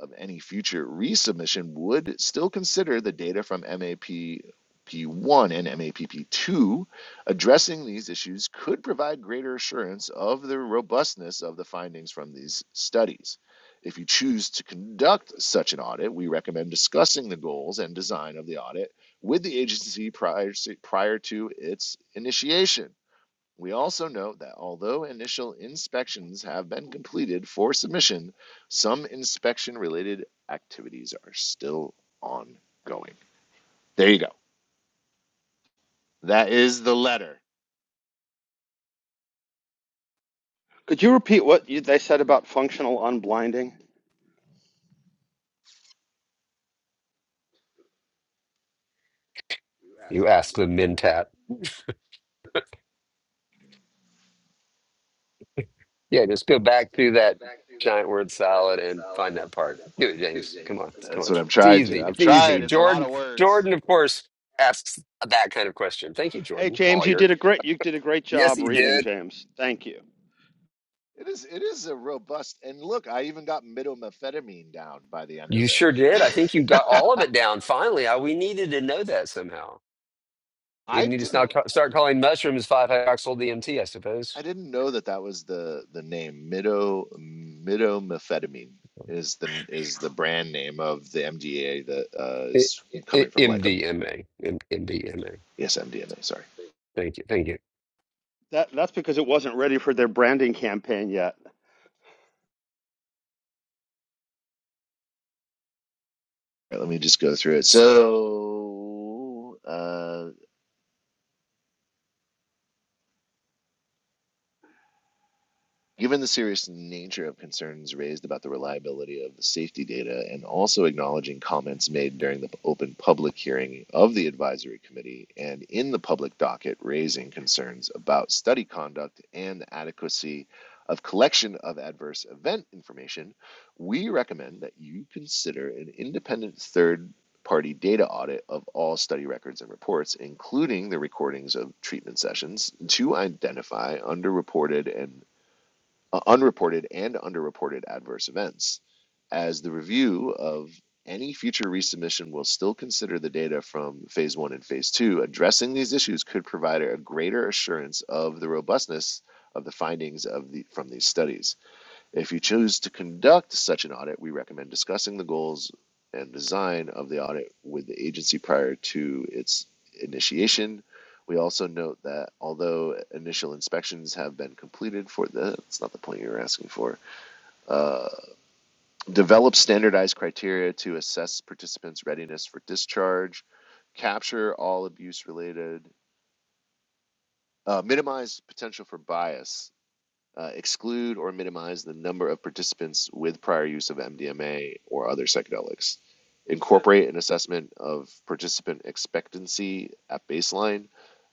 [SPEAKER 1] of any future resubmission would still consider the data from MAPP1 and MAPP2. Addressing these issues could provide greater assurance of the robustness of the findings from these studies. If you choose to conduct such an audit, we recommend discussing the goals and design of the audit with the agency prior, prior to its initiation. We also note that although initial inspections have been completed for submission, some inspection related activities are still ongoing. There you go. That is the letter.
[SPEAKER 3] Could you repeat what you, they said about functional unblinding?
[SPEAKER 2] You ask the mentat. Yeah, just go back through that giant word salad and find that part. Do it, James. Come on. Come
[SPEAKER 1] That's
[SPEAKER 2] on.
[SPEAKER 1] what I'm
[SPEAKER 2] It's
[SPEAKER 1] trying
[SPEAKER 2] easy.
[SPEAKER 1] to. I'm
[SPEAKER 2] It's easy.
[SPEAKER 1] trying. It's a lot
[SPEAKER 2] Jordan,
[SPEAKER 1] of work.
[SPEAKER 2] Jordan, of course, asks that kind of question. Thank you,
[SPEAKER 3] Hey
[SPEAKER 2] Jordan,
[SPEAKER 3] James, you
[SPEAKER 2] lawyer.
[SPEAKER 3] did a great you did a great
[SPEAKER 2] Yes,
[SPEAKER 3] job
[SPEAKER 2] he
[SPEAKER 3] reading,
[SPEAKER 2] did.
[SPEAKER 3] James. Thank you.
[SPEAKER 1] It is it is a robust and look, I even got midomethamphetamine down by the end
[SPEAKER 2] You
[SPEAKER 1] of it.
[SPEAKER 2] sure did. I think you got all of it down finally. I, we needed to know that somehow. We
[SPEAKER 1] I
[SPEAKER 2] need to now ca- start calling mushrooms 5-hydroxyl DMT, I
[SPEAKER 1] I
[SPEAKER 2] suppose.
[SPEAKER 1] didn't know that that was the the name mido midomethamphetamine is the is the brand name of the MDA that uh,
[SPEAKER 2] It,
[SPEAKER 1] is coming from Lycopodium.
[SPEAKER 2] MDMA. MDMA.
[SPEAKER 1] Yes, mDNA. Sorry.
[SPEAKER 2] Thank you. Thank you.
[SPEAKER 3] That that's because it wasn't ready for their branding campaign yet.
[SPEAKER 1] All right, let me just go through it.
[SPEAKER 2] So.
[SPEAKER 1] So, uh, Given the serious nature of concerns raised about the reliability of the safety data and also acknowledging comments made during the open public hearing of the advisory committee and in the public docket raising concerns about study conduct and the adequacy of collection of adverse event information, we recommend that you consider an independent third party data audit of all study records and reports, including the recordings of treatment sessions, to identify underreported and uh, unreported and underreported adverse events, as the review of any future resubmission will still consider the data from phase one and phase two. Addressing these issues could provide a greater assurance of the robustness of the findings of the, from these studies. If you choose to conduct such an audit, we recommend discussing the goals and design of the audit with the agency prior to its initiation. We also note that although initial inspections have been completed for the, that's not the point you're asking for, uh, develop standardized criteria to assess participants' readiness for discharge, capture all abuse related, uh, minimize potential for bias uh, exclude or minimize the number of participants with prior use of MDMA or other psychedelics. Create an assessment of participant expectancy at baseline.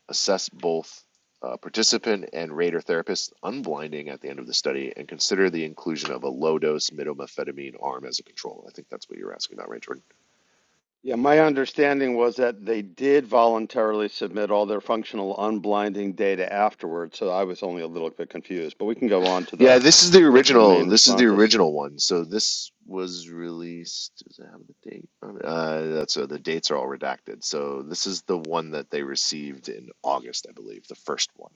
[SPEAKER 1] Assess both uh, participant and rater therapist unblinding at the end of the study, and consider the inclusion of a low dose midomethamphetamine arm as a control. I think that's what you're asking about, right, Jordan?
[SPEAKER 3] Yeah, my understanding was that they did voluntarily submit all their functional unblinding data afterwards, so I was only a little bit confused. But we can go on to
[SPEAKER 1] Yeah,
[SPEAKER 3] the
[SPEAKER 1] this is the
[SPEAKER 3] the, the
[SPEAKER 1] original.
[SPEAKER 3] main
[SPEAKER 1] This is the
[SPEAKER 3] responses.
[SPEAKER 1] original one. So this was released. Does it have the date? on it? Uh, that's uh, the dates are all redacted. So this is the one that they received in August, I believe, the first one.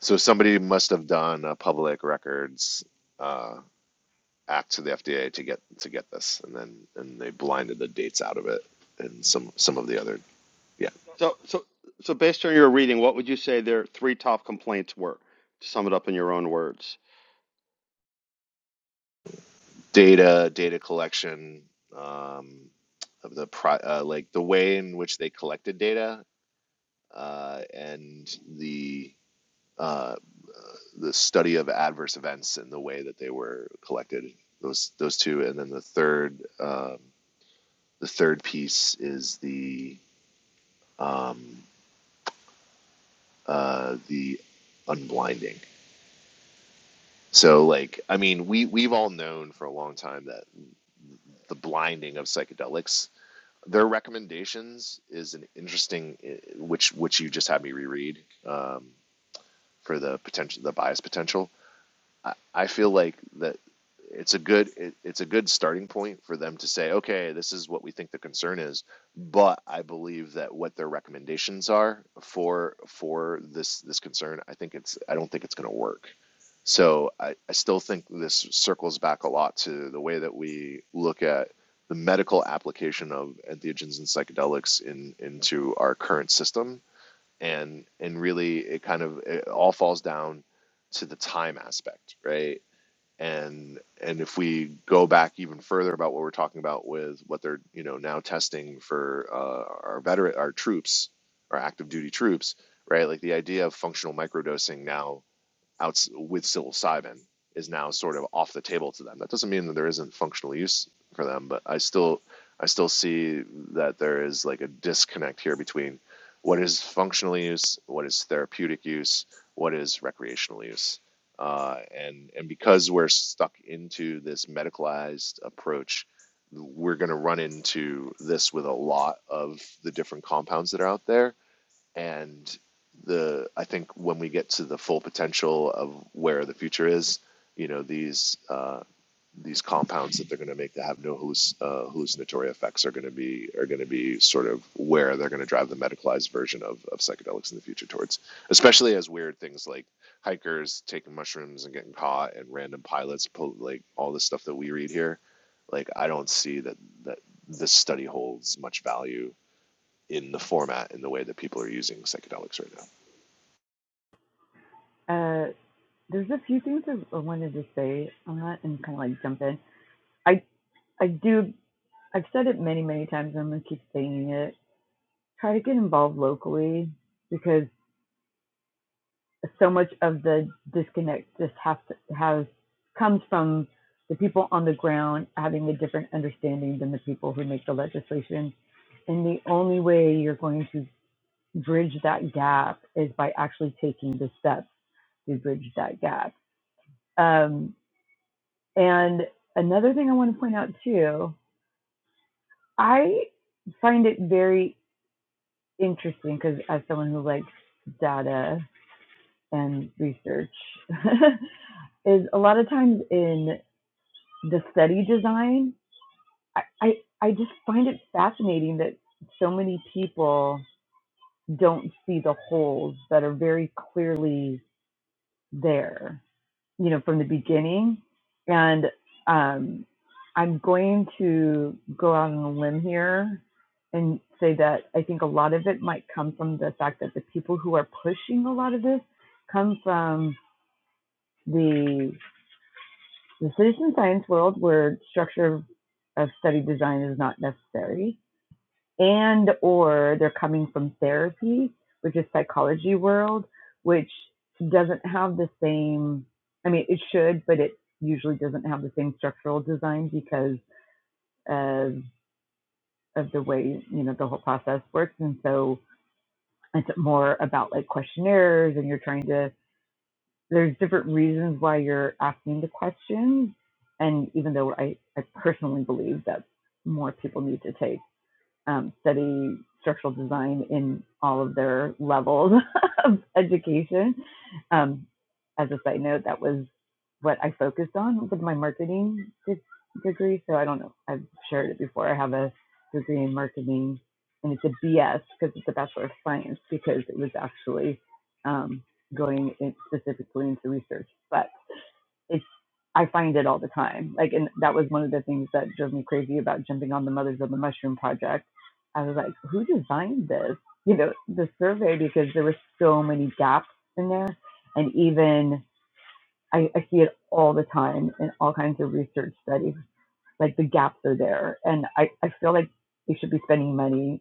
[SPEAKER 1] So somebody must have done a public records uh, act to the FDA to get to get this, and then and they blinded the dates out of it, and some some of the other yeah
[SPEAKER 3] So, so, so based on your reading, what would you say their three top complaints were? To sum it up in your own words.
[SPEAKER 1] data data collection. Um, of the pro, uh, like the way in which they collected data uh, and the uh, the study of adverse events and the way that they were collected. Those those two, and then the third um, the third piece is the um, uh, the unblinding. So like I mean we we've all known for a long time that the blinding of psychedelics their recommendations is an interesting eh, which which you just had me reread um, for the potential the bias potential I, I feel like that it's a good it, it's a good starting point for them to say, okay, this is what we think the concern is, but I believe that what their recommendations are for for this this concern, I think it's I don't think it's going to work. So I, I still think this circles back a lot to the way that we look at the medical application of entheogens and psychedelics in into our current system and and really it kind of it all falls down to the time aspect right and and if we go back even further about what we're talking about with what they're you know now testing for uh, our veteran our troops our active duty troops right like the idea of functional microdosing now out with psilocybin is now sort of off the table to them. That doesn't mean that there isn't functional use for them, but I still I still see that there is like a disconnect here between what is functional use, what is therapeutic use, what is recreational use, uh, and and because we're stuck into this medicalized approach, we're going to run into this with a lot of the different compounds that are out there and the I think when we get to the full potential of where the future is, you know these uh, these compounds that they're going to make that have no halluc- uh, hallucinatory effects are going to be are going to be sort of where they're going to drive the medicalized version of, of psychedelics in the future towards, especially as weird things like hikers taking mushrooms and getting caught and random pilots pull, like all the stuff that we read here. Like I don't see that that this study holds much value in the format in the way that people are using psychedelics right now.
[SPEAKER 4] Uh, there's a few things I wanted to say on that and kind of like jump in. I I do. I've said it many, many times, and I'm going to keep saying it. Try to get involved locally because so much of the disconnect just has to, has comes from the people on the ground having a different understanding than the people who make the legislation. And the only way you're going to bridge that gap is by actually taking the steps to bridge that gap. Um, and another thing I want to point out too, I find it very interesting because as someone who likes data and research is a lot of times in the study design I, I i just find it fascinating that so many people don't see the holes that are very clearly there you know, from the beginning. And um, I'm going to go out on a limb here and say that I think a lot of it might come from the fact that the people who are pushing a lot of this come from the, the citizen science world where structure of study design is not necessary and or they're coming from therapy, which is psychology world, which doesn't have the same I mean it should, but it usually doesn't have the same structural design because of of the way, you know, the whole process works. And so it's more about like questionnaires and you're trying to there's different reasons why you're asking the questions. And even though I, I personally believe that more people need to take um, study structural design in all of their levels of education. Um, as a side note, that was what I focused on with my marketing de- degree. So I don't know, I've shared it before. I have a degree in marketing and it's a BS because it's a Bachelor of Science because it was actually um, going in specifically into research. But it's I find it all the time. Like, and that was one of the things that drove me crazy about jumping on the Mothers of the Mushroom project. I was like, who designed this? You know, the survey because there were so many gaps in there, and even I, I see it all the time in all kinds of research studies. Like the gaps are there, and I, I feel like we should be spending money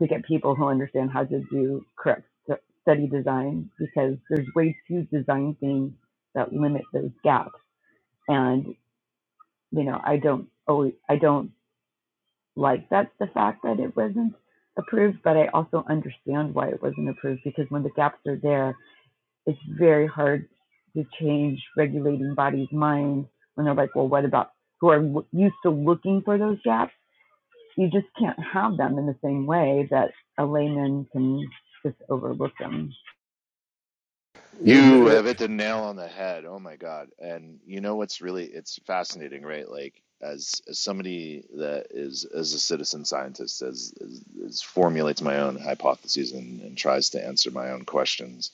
[SPEAKER 4] to get people who understand how to do correct stu- study design because there's way too design things that limit those gaps and you know, I don't always, I don't like that the fact that it wasn't approved, but I also understand why it wasn't approved because when the gaps are there, it's very hard to change regulating bodies' minds when they're like, well, what about who are used to looking for those gaps? You just can't have them in the same way that a layman can just overlook them.
[SPEAKER 1] You have hit the nail on the head. Oh my god! And you know what's really it's fascinating, right? Like as, as somebody that is as a citizen scientist, as, as, as formulates my own hypotheses and, and tries to answer my own questions.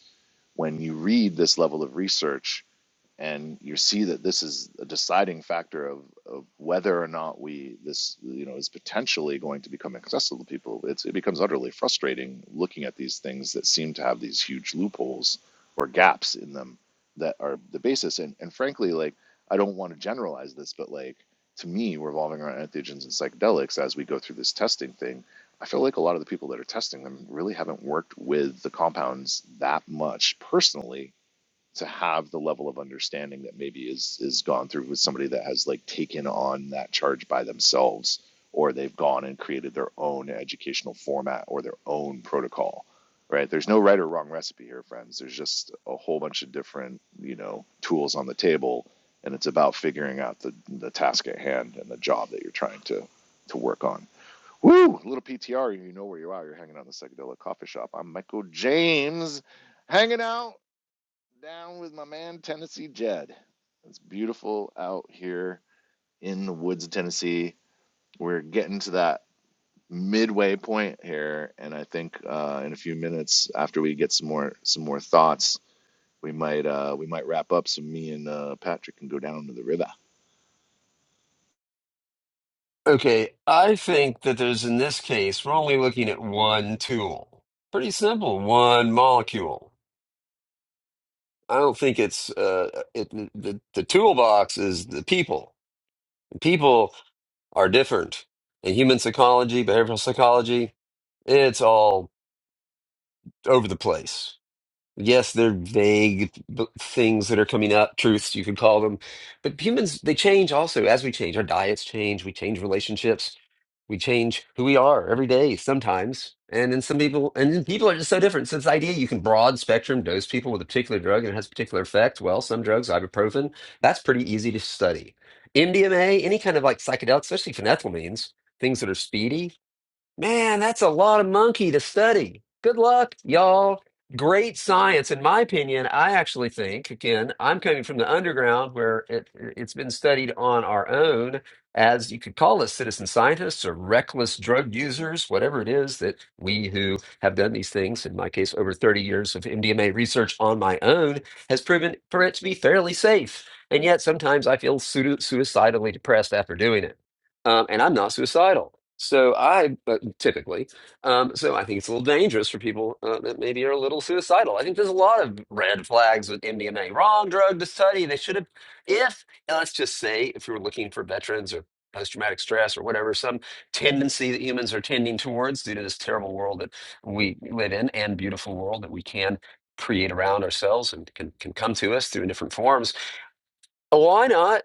[SPEAKER 1] When you read this level of research, and you see that this is a deciding factor of, of whether or not we this you know is potentially going to become accessible to people it's, it becomes utterly frustrating looking at these things that seem to have these huge loopholes or gaps in them that are the basis and, and frankly like i don't want to generalize this but like to me revolving around entheogens and psychedelics as we go through this testing thing i feel like a lot of the people that are testing them really haven't worked with the compounds that much personally to have the level of understanding that maybe is is gone through with somebody that has like taken on that charge by themselves or they've gone and created their own educational format or their own protocol right there's no right or wrong recipe here friends there's just a whole bunch of different you know tools on the table and it's about figuring out the the task at hand and the job that you're trying to to work on woo little ptr you know where you are you're hanging out in the psychedelic coffee shop i'm michael james hanging out down with my man, Tennessee Jed. It's beautiful out here in the woods of Tennessee. We're getting to that midway point here, and I think uh, in a few minutes, after we get some more some more thoughts, we might uh, we might wrap up. So me and uh, Patrick can go down to the river.
[SPEAKER 2] Okay, I think that there's in this case, we're only looking at one tool. Pretty simple, one molecule. I don't think it's uh it the, the toolbox is the people. People are different. In human psychology, behavioral psychology, it's all over the place. Yes, they're vague b- things that are coming up, truths you could call them. But humans, they change also as we change. Our diets change, we change relationships, we change who we are every day sometimes. And then some people, and then people are just so different. So this idea you can broad spectrum dose people with a particular drug and it has a particular effect. Well, some drugs, ibuprofen, that's pretty easy to study. MDMA, any kind of like psychedelics, especially phenethylamines, things that are speedy, Man, that's a lot of monkey to study. Good luck, y'all. Great science, in my opinion. I actually think, again, I'm coming from the underground where it, it's been studied on our own as you could call us citizen scientists or reckless drug users, whatever it is that we who have done these things, in my case, over 30 years of MDMA research on my own, has proven for it to be fairly safe. And yet sometimes I feel pseudo- suicidally depressed after doing it. Um, and I'm not suicidal. So I uh, typically, um, so I think it's a little dangerous for people uh, that maybe are a little suicidal. I think there's a lot of red flags with MDMA. Wrong drug to study. They should have, if and let's just say, if you were looking for veterans or post-traumatic stress or whatever, some tendency that humans are tending towards due to this terrible world that we live in and beautiful world that we can create around ourselves and can, can come to us through in different forms. Why not?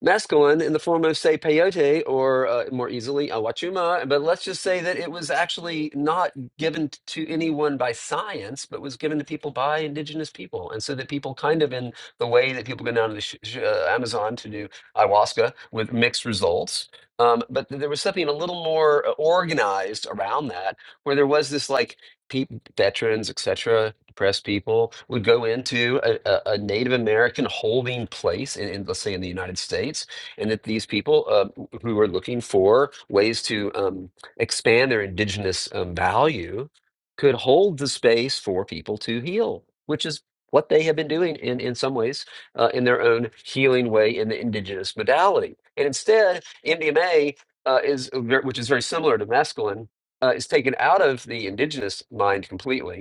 [SPEAKER 2] masculine in the form of, say, peyote or uh, more easily awachuma. But let's just say that it was actually not given t- to anyone by science, but was given to people by indigenous people. And so that people kind of in the way that people go down to the sh- sh- uh, Amazon to do ayahuasca with mixed results. Um, but th- there was something a little more uh, organized around that, where there was this like pe- veterans, etc depressed people would go into a, a, a Native American holding place in, in, let's say, in the United States, and that these people uh, who are looking for ways to um, expand their indigenous um, value could hold the space for people to heal, which is what they have been doing in, in some ways uh, in their own healing way in the indigenous modality. And instead, MDMA uh, is, a ver- which is very similar to mescaline, uh, is taken out of the indigenous mind completely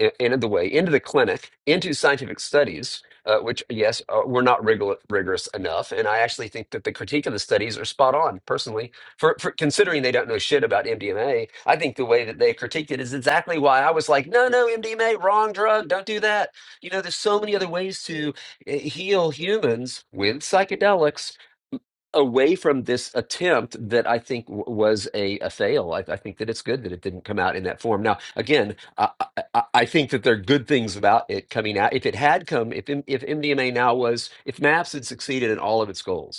[SPEAKER 2] i- into the way into the clinic into scientific studies uh, which yes uh, were not rigor- rigorous enough and i actually think that the critique of the studies are spot on personally for, for considering they don't know shit about mdma i think the way that they critiqued it is exactly why i was like no no mdma wrong drug don't do that you know there's so many other ways to uh, heal humans with psychedelics away from this attempt that I think w- was a, a fail. I, I think that it's good that it didn't come out in that form. Now, again, I, I I- think that there are good things about it coming out. If it had come, if M- if MDMA now was, if MAPS had succeeded in all of its goals,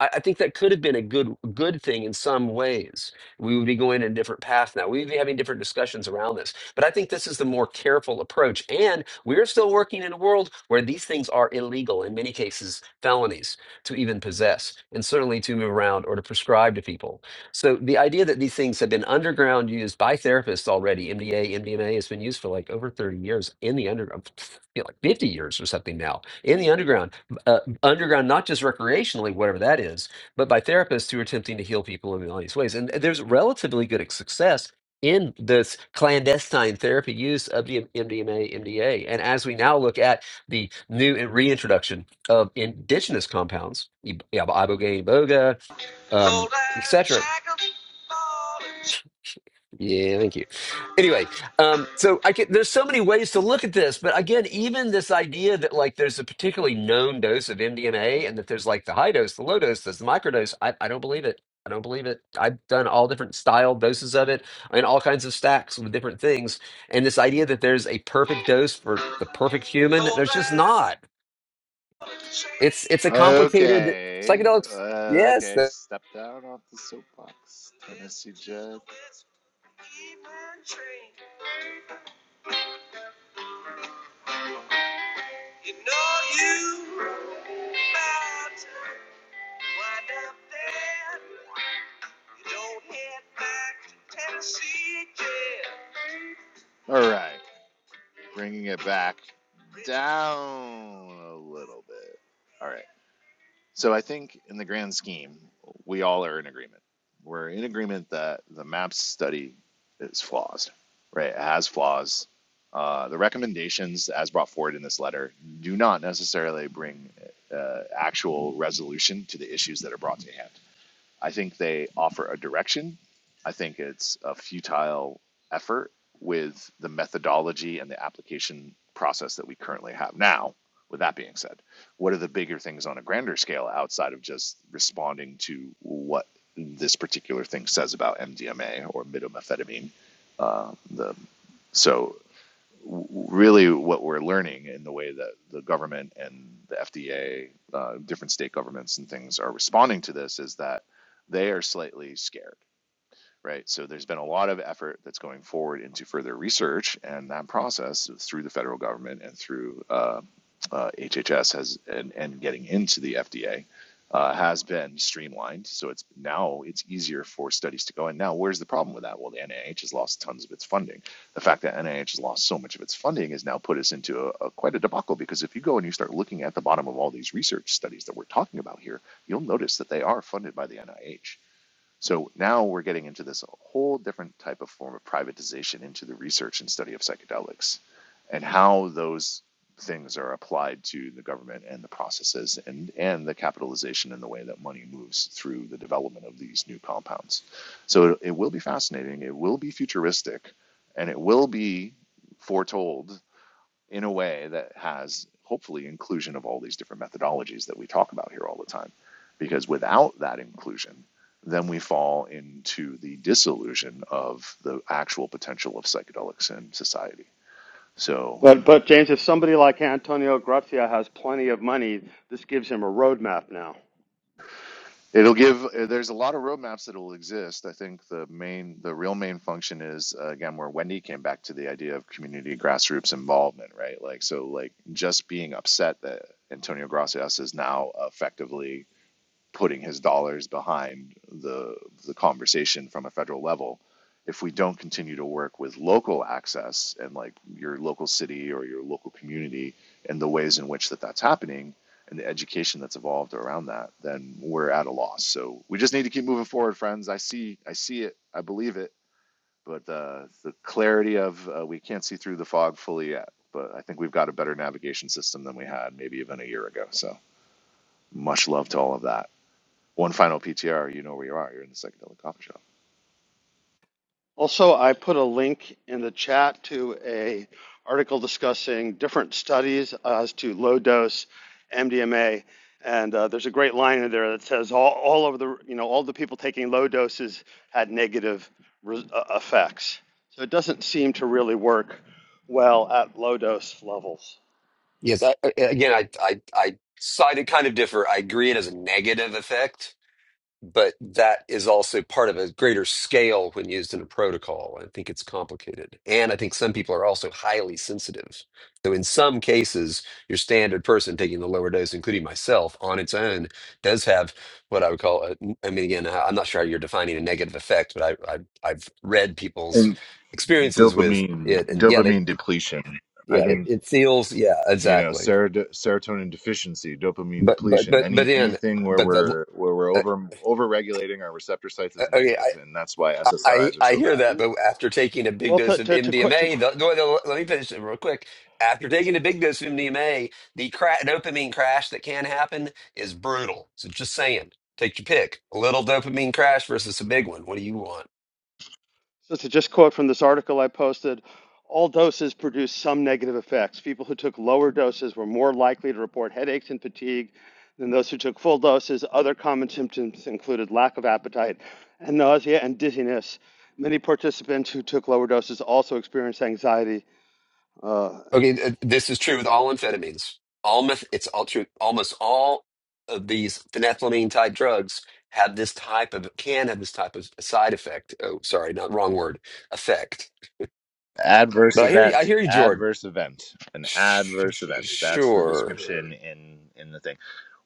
[SPEAKER 2] I, I think that could have been a good good thing in some ways. We would be going in a different path now. We would be having different discussions around this. But I think this is the more careful approach. And we're still working in a world where these things are illegal, in many cases, felonies to even possess, and certainly to move around or to prescribe to people. So the idea that these things have been underground used by therapists already, MDA, MDMA has been used for like over 30 years in the underground, like 50 years or something now in the underground uh, underground, not just recreationally, whatever that is, but by therapists who are attempting to heal people in all these ways. And there's relatively good success in this clandestine therapy use of the MDMA, MDA. And as we now look at the new and reintroduction of indigenous compounds, ib- yeah, ibogaine, boga, um, etc., yeah, thank you. Anyway, um, so I can, there's so many ways to look at this, but again, even this idea that like there's a particularly known dose of MDMA and that there's like the high dose, the low dose, there's the microdose, I, I don't believe it. I don't believe it. I've done all different style doses of it and all kinds of stacks with different things. And this idea that there's a perfect dose for the perfect human, there's just not. It's it's a complicated
[SPEAKER 1] Okay, uh,
[SPEAKER 2] psychedelics. Yes,
[SPEAKER 1] okay.
[SPEAKER 2] that,
[SPEAKER 1] Step down off the soapbox, Tennessee Jed. Even train, you know you about to wind up there. You don't head back to Tennessee again. All right, bringing it back down a little bit. All right. So I think in the grand scheme, we all are in agreement. We're in agreement that the MAPS study is flawed, right? It has flaws. Uh, the recommendations, as brought forward in this letter, do not necessarily bring uh, actual resolution to the issues that are brought to hand. I think they offer a direction. I think it's a futile effort with the methodology and the application process that we currently have now. With that being said, what are the bigger things on a grander scale outside of just responding to what this particular thing says about MDMA or midomethamphetamine? Uh, the so really what we're learning in the way that the government and the FDA, uh, different state governments and things are responding to this is that they are slightly scared right? So there's been a lot of effort that's going forward into further research, and that process through the federal government and through uh, uh, HHS has and, and getting into the FDA uh, has been streamlined. So it's now it's easier for studies to go in. Now, where's the problem with that? Well, the NIH has lost tons of its funding. The fact that NIH has lost so much of its funding has now put us into a, a quite a debacle because if you go and you start looking at the bottom of all these research studies that we're talking about here, you'll notice that they are funded by the NIH so now we're getting into this whole different type of form of privatization into the research and study of psychedelics and how those things are applied to the government and the processes and, and the capitalization and the way that money moves through the development of these new compounds. So it, it will be fascinating, it will be futuristic, and it will be foretold in a way that has hopefully inclusion of all these different methodologies that we talk about here all the time. Because without that inclusion, then we fall into the disillusion of the actual potential of psychedelics in society. So
[SPEAKER 3] But, but James, if somebody like Antonio Gracia has plenty of money, this gives him a roadmap now.
[SPEAKER 1] it'll give. There's a lot of roadmaps that will exist. I think the main, the real main function is uh, again where Wendy came back to the idea of community grassroots involvement, right? Like so, like just being upset that Antonio Gracias is now effectively putting his dollars behind the the conversation from a federal level if we don't continue to work with local access and like your local city or your local community and the ways in which that that's happening and the education that's evolved around that then we're at a loss so we just need to keep moving forward friends i see i see it i believe it but uh, the clarity of uh, we can't see through the fog fully yet but i think we've got a better navigation system than we had maybe even a year ago so much love to all of that one final PTR, you know where you are. You're in the psychedelic coffee shop.
[SPEAKER 3] Also, I put a link in the chat to a article discussing different studies as to low dose MDMA. And uh, there's a great line in there that says all, all of the you know all the people taking low doses had negative re- uh, effects. So it doesn't seem to really work well at low dose levels.
[SPEAKER 2] yes. I, I- again, I I I sided kind of differ. I agree it has a negative effect but that is also part of a greater scale when used in a protocol. I think it's complicated. And I think some people are also highly sensitive. So, in some cases, your standard person taking the lower dose, including myself, on its own, does have what I would call, a, I mean, again, I- I'm not sure how you're defining a negative effect, but I, I, I've read people's
[SPEAKER 1] and
[SPEAKER 2] experiences with
[SPEAKER 1] dopamine
[SPEAKER 2] it. And yeah, they,
[SPEAKER 1] dopamine
[SPEAKER 2] it,
[SPEAKER 1] depletion i
[SPEAKER 2] yeah, it,
[SPEAKER 1] think
[SPEAKER 2] it feels, yeah,
[SPEAKER 1] you know
[SPEAKER 2] exactly.
[SPEAKER 1] serot- serotonin deficiency dopamine
[SPEAKER 2] But, but,
[SPEAKER 1] depletion
[SPEAKER 2] but, but
[SPEAKER 1] any
[SPEAKER 2] in,
[SPEAKER 1] anything where
[SPEAKER 2] but the,
[SPEAKER 1] we're where we're
[SPEAKER 2] uh,
[SPEAKER 1] over over regulating our receptor sites
[SPEAKER 2] uh,
[SPEAKER 1] is
[SPEAKER 2] okay,
[SPEAKER 1] negative and that's why
[SPEAKER 2] I,
[SPEAKER 1] ssris are
[SPEAKER 2] I
[SPEAKER 1] so
[SPEAKER 2] hear
[SPEAKER 1] bad
[SPEAKER 2] that, but after taking a big
[SPEAKER 3] Well, to
[SPEAKER 2] dose of
[SPEAKER 3] to to, to
[SPEAKER 2] MDMA, the, no, no, let me finish it real quick. After taking a big dose of MDMA, the cra- dopamine crash that can happen is brutal. So just saying, take your pick. A little dopamine crash versus a big one. What do you want?
[SPEAKER 3] So to just quote from this article I posted, all doses produce some negative effects. People who took lower doses were more likely to report headaches and fatigue than those who took full doses. Other common symptoms included lack of appetite and nausea and dizziness. Many participants who took lower doses also experienced anxiety. Uh,
[SPEAKER 2] Okay, th- this is true with all amphetamines. All meth- it's all true. Almost all of these phenethylamine type drugs have this type of can have this type of side effect. Oh, sorry, not wrong word. Effect.
[SPEAKER 1] adverse
[SPEAKER 2] But I hear you. I
[SPEAKER 1] event
[SPEAKER 2] hear you, Jordan.
[SPEAKER 1] adverse event an
[SPEAKER 2] Sh-
[SPEAKER 1] adverse event that's the
[SPEAKER 2] Sure.
[SPEAKER 1] description in in the thing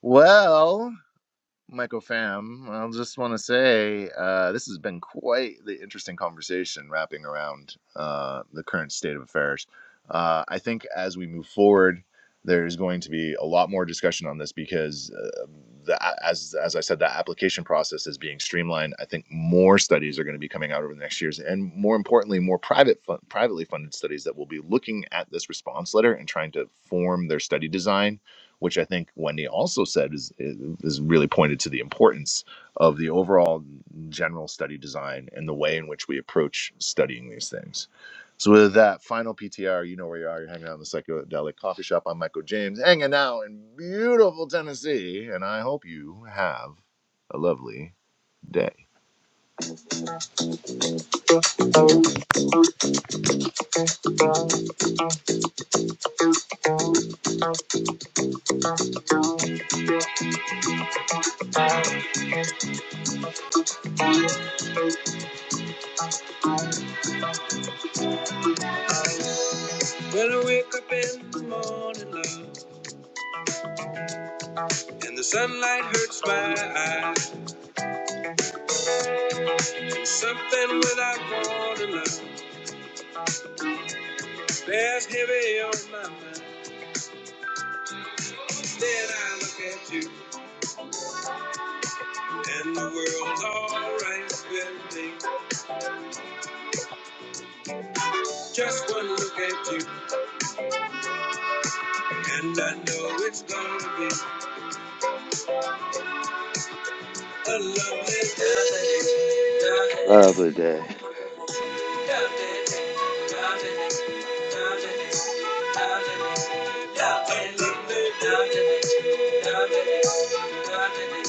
[SPEAKER 1] well Michael Fam, I just want to say uh, this has been quite the interesting conversation wrapping around uh, the current state of affairs. Uh, I think as we move forward, there's going to be a lot more discussion on this because, uh, the, as as I said, the application process is being streamlined. I think more studies are going to be coming out over the next years, and more importantly, more private fun- privately funded studies that will be looking at this response letter and trying to form their study design which I think Wendy also said is is is really pointed to the importance of the overall general study design and the way in which we approach studying these things. So with that final PTR, you know where you are. You're hanging out in the psychedelic coffee shop. I'm Michael James, hanging out in beautiful Tennessee, and I hope you have a lovely day. When I wake up in the morning, love, and the sunlight hurts my eyes, and something without warning, love, bears heavy on my mind. Then I look at you, and the world's alright with me. Just one look at you, and I know it's gonna be a lovely day.
[SPEAKER 3] lovely day.
[SPEAKER 1] Lovely, lovely, lovely. lovely, lovely, lovely, lovely, lovely, lovely, lovely,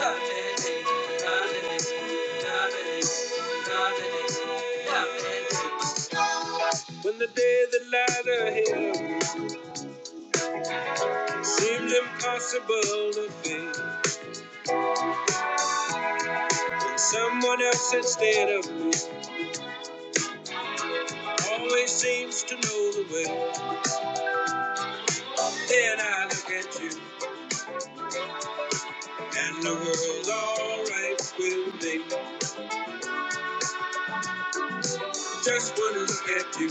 [SPEAKER 1] lovely, lovely. When the day that lies ahead seems impossible to be. Someone else instead of me always seems to know the way. Then I look at you, and the world's alright with me. Just one look at you,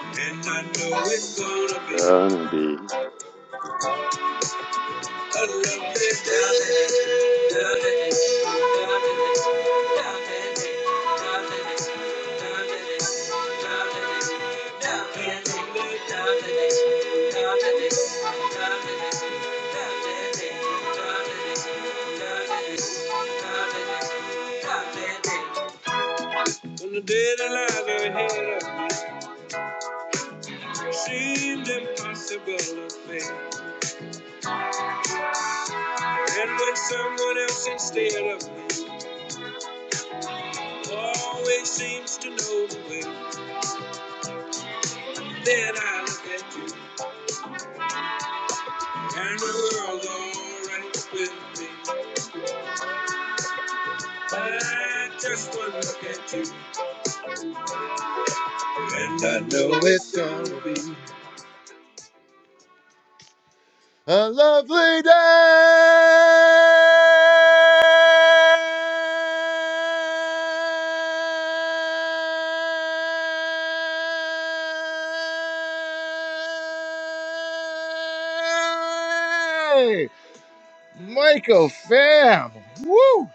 [SPEAKER 1] and I know it's gonna be
[SPEAKER 3] Gonna be.
[SPEAKER 1] a lovely day. When the deadlines are ahead of me, seemed impossible to face, And when someone else instead of me always seems to know the way, then I look at you. And we're all alright with me. I just one look at you. And I know it's gonna be a lovely day. Michael Fam. Woo!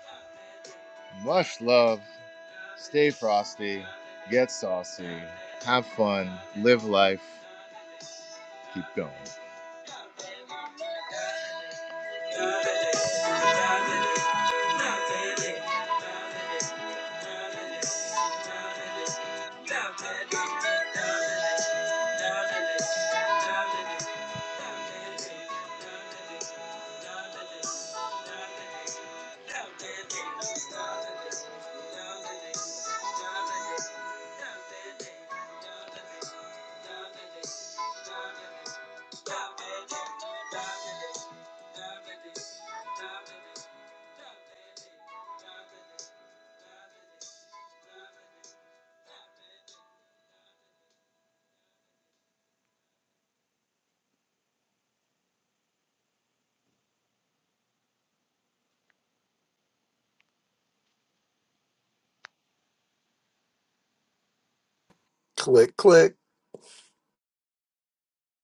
[SPEAKER 1] Much love. Stay frosty, get saucy, have fun, live life, keep going.
[SPEAKER 2] Click, click.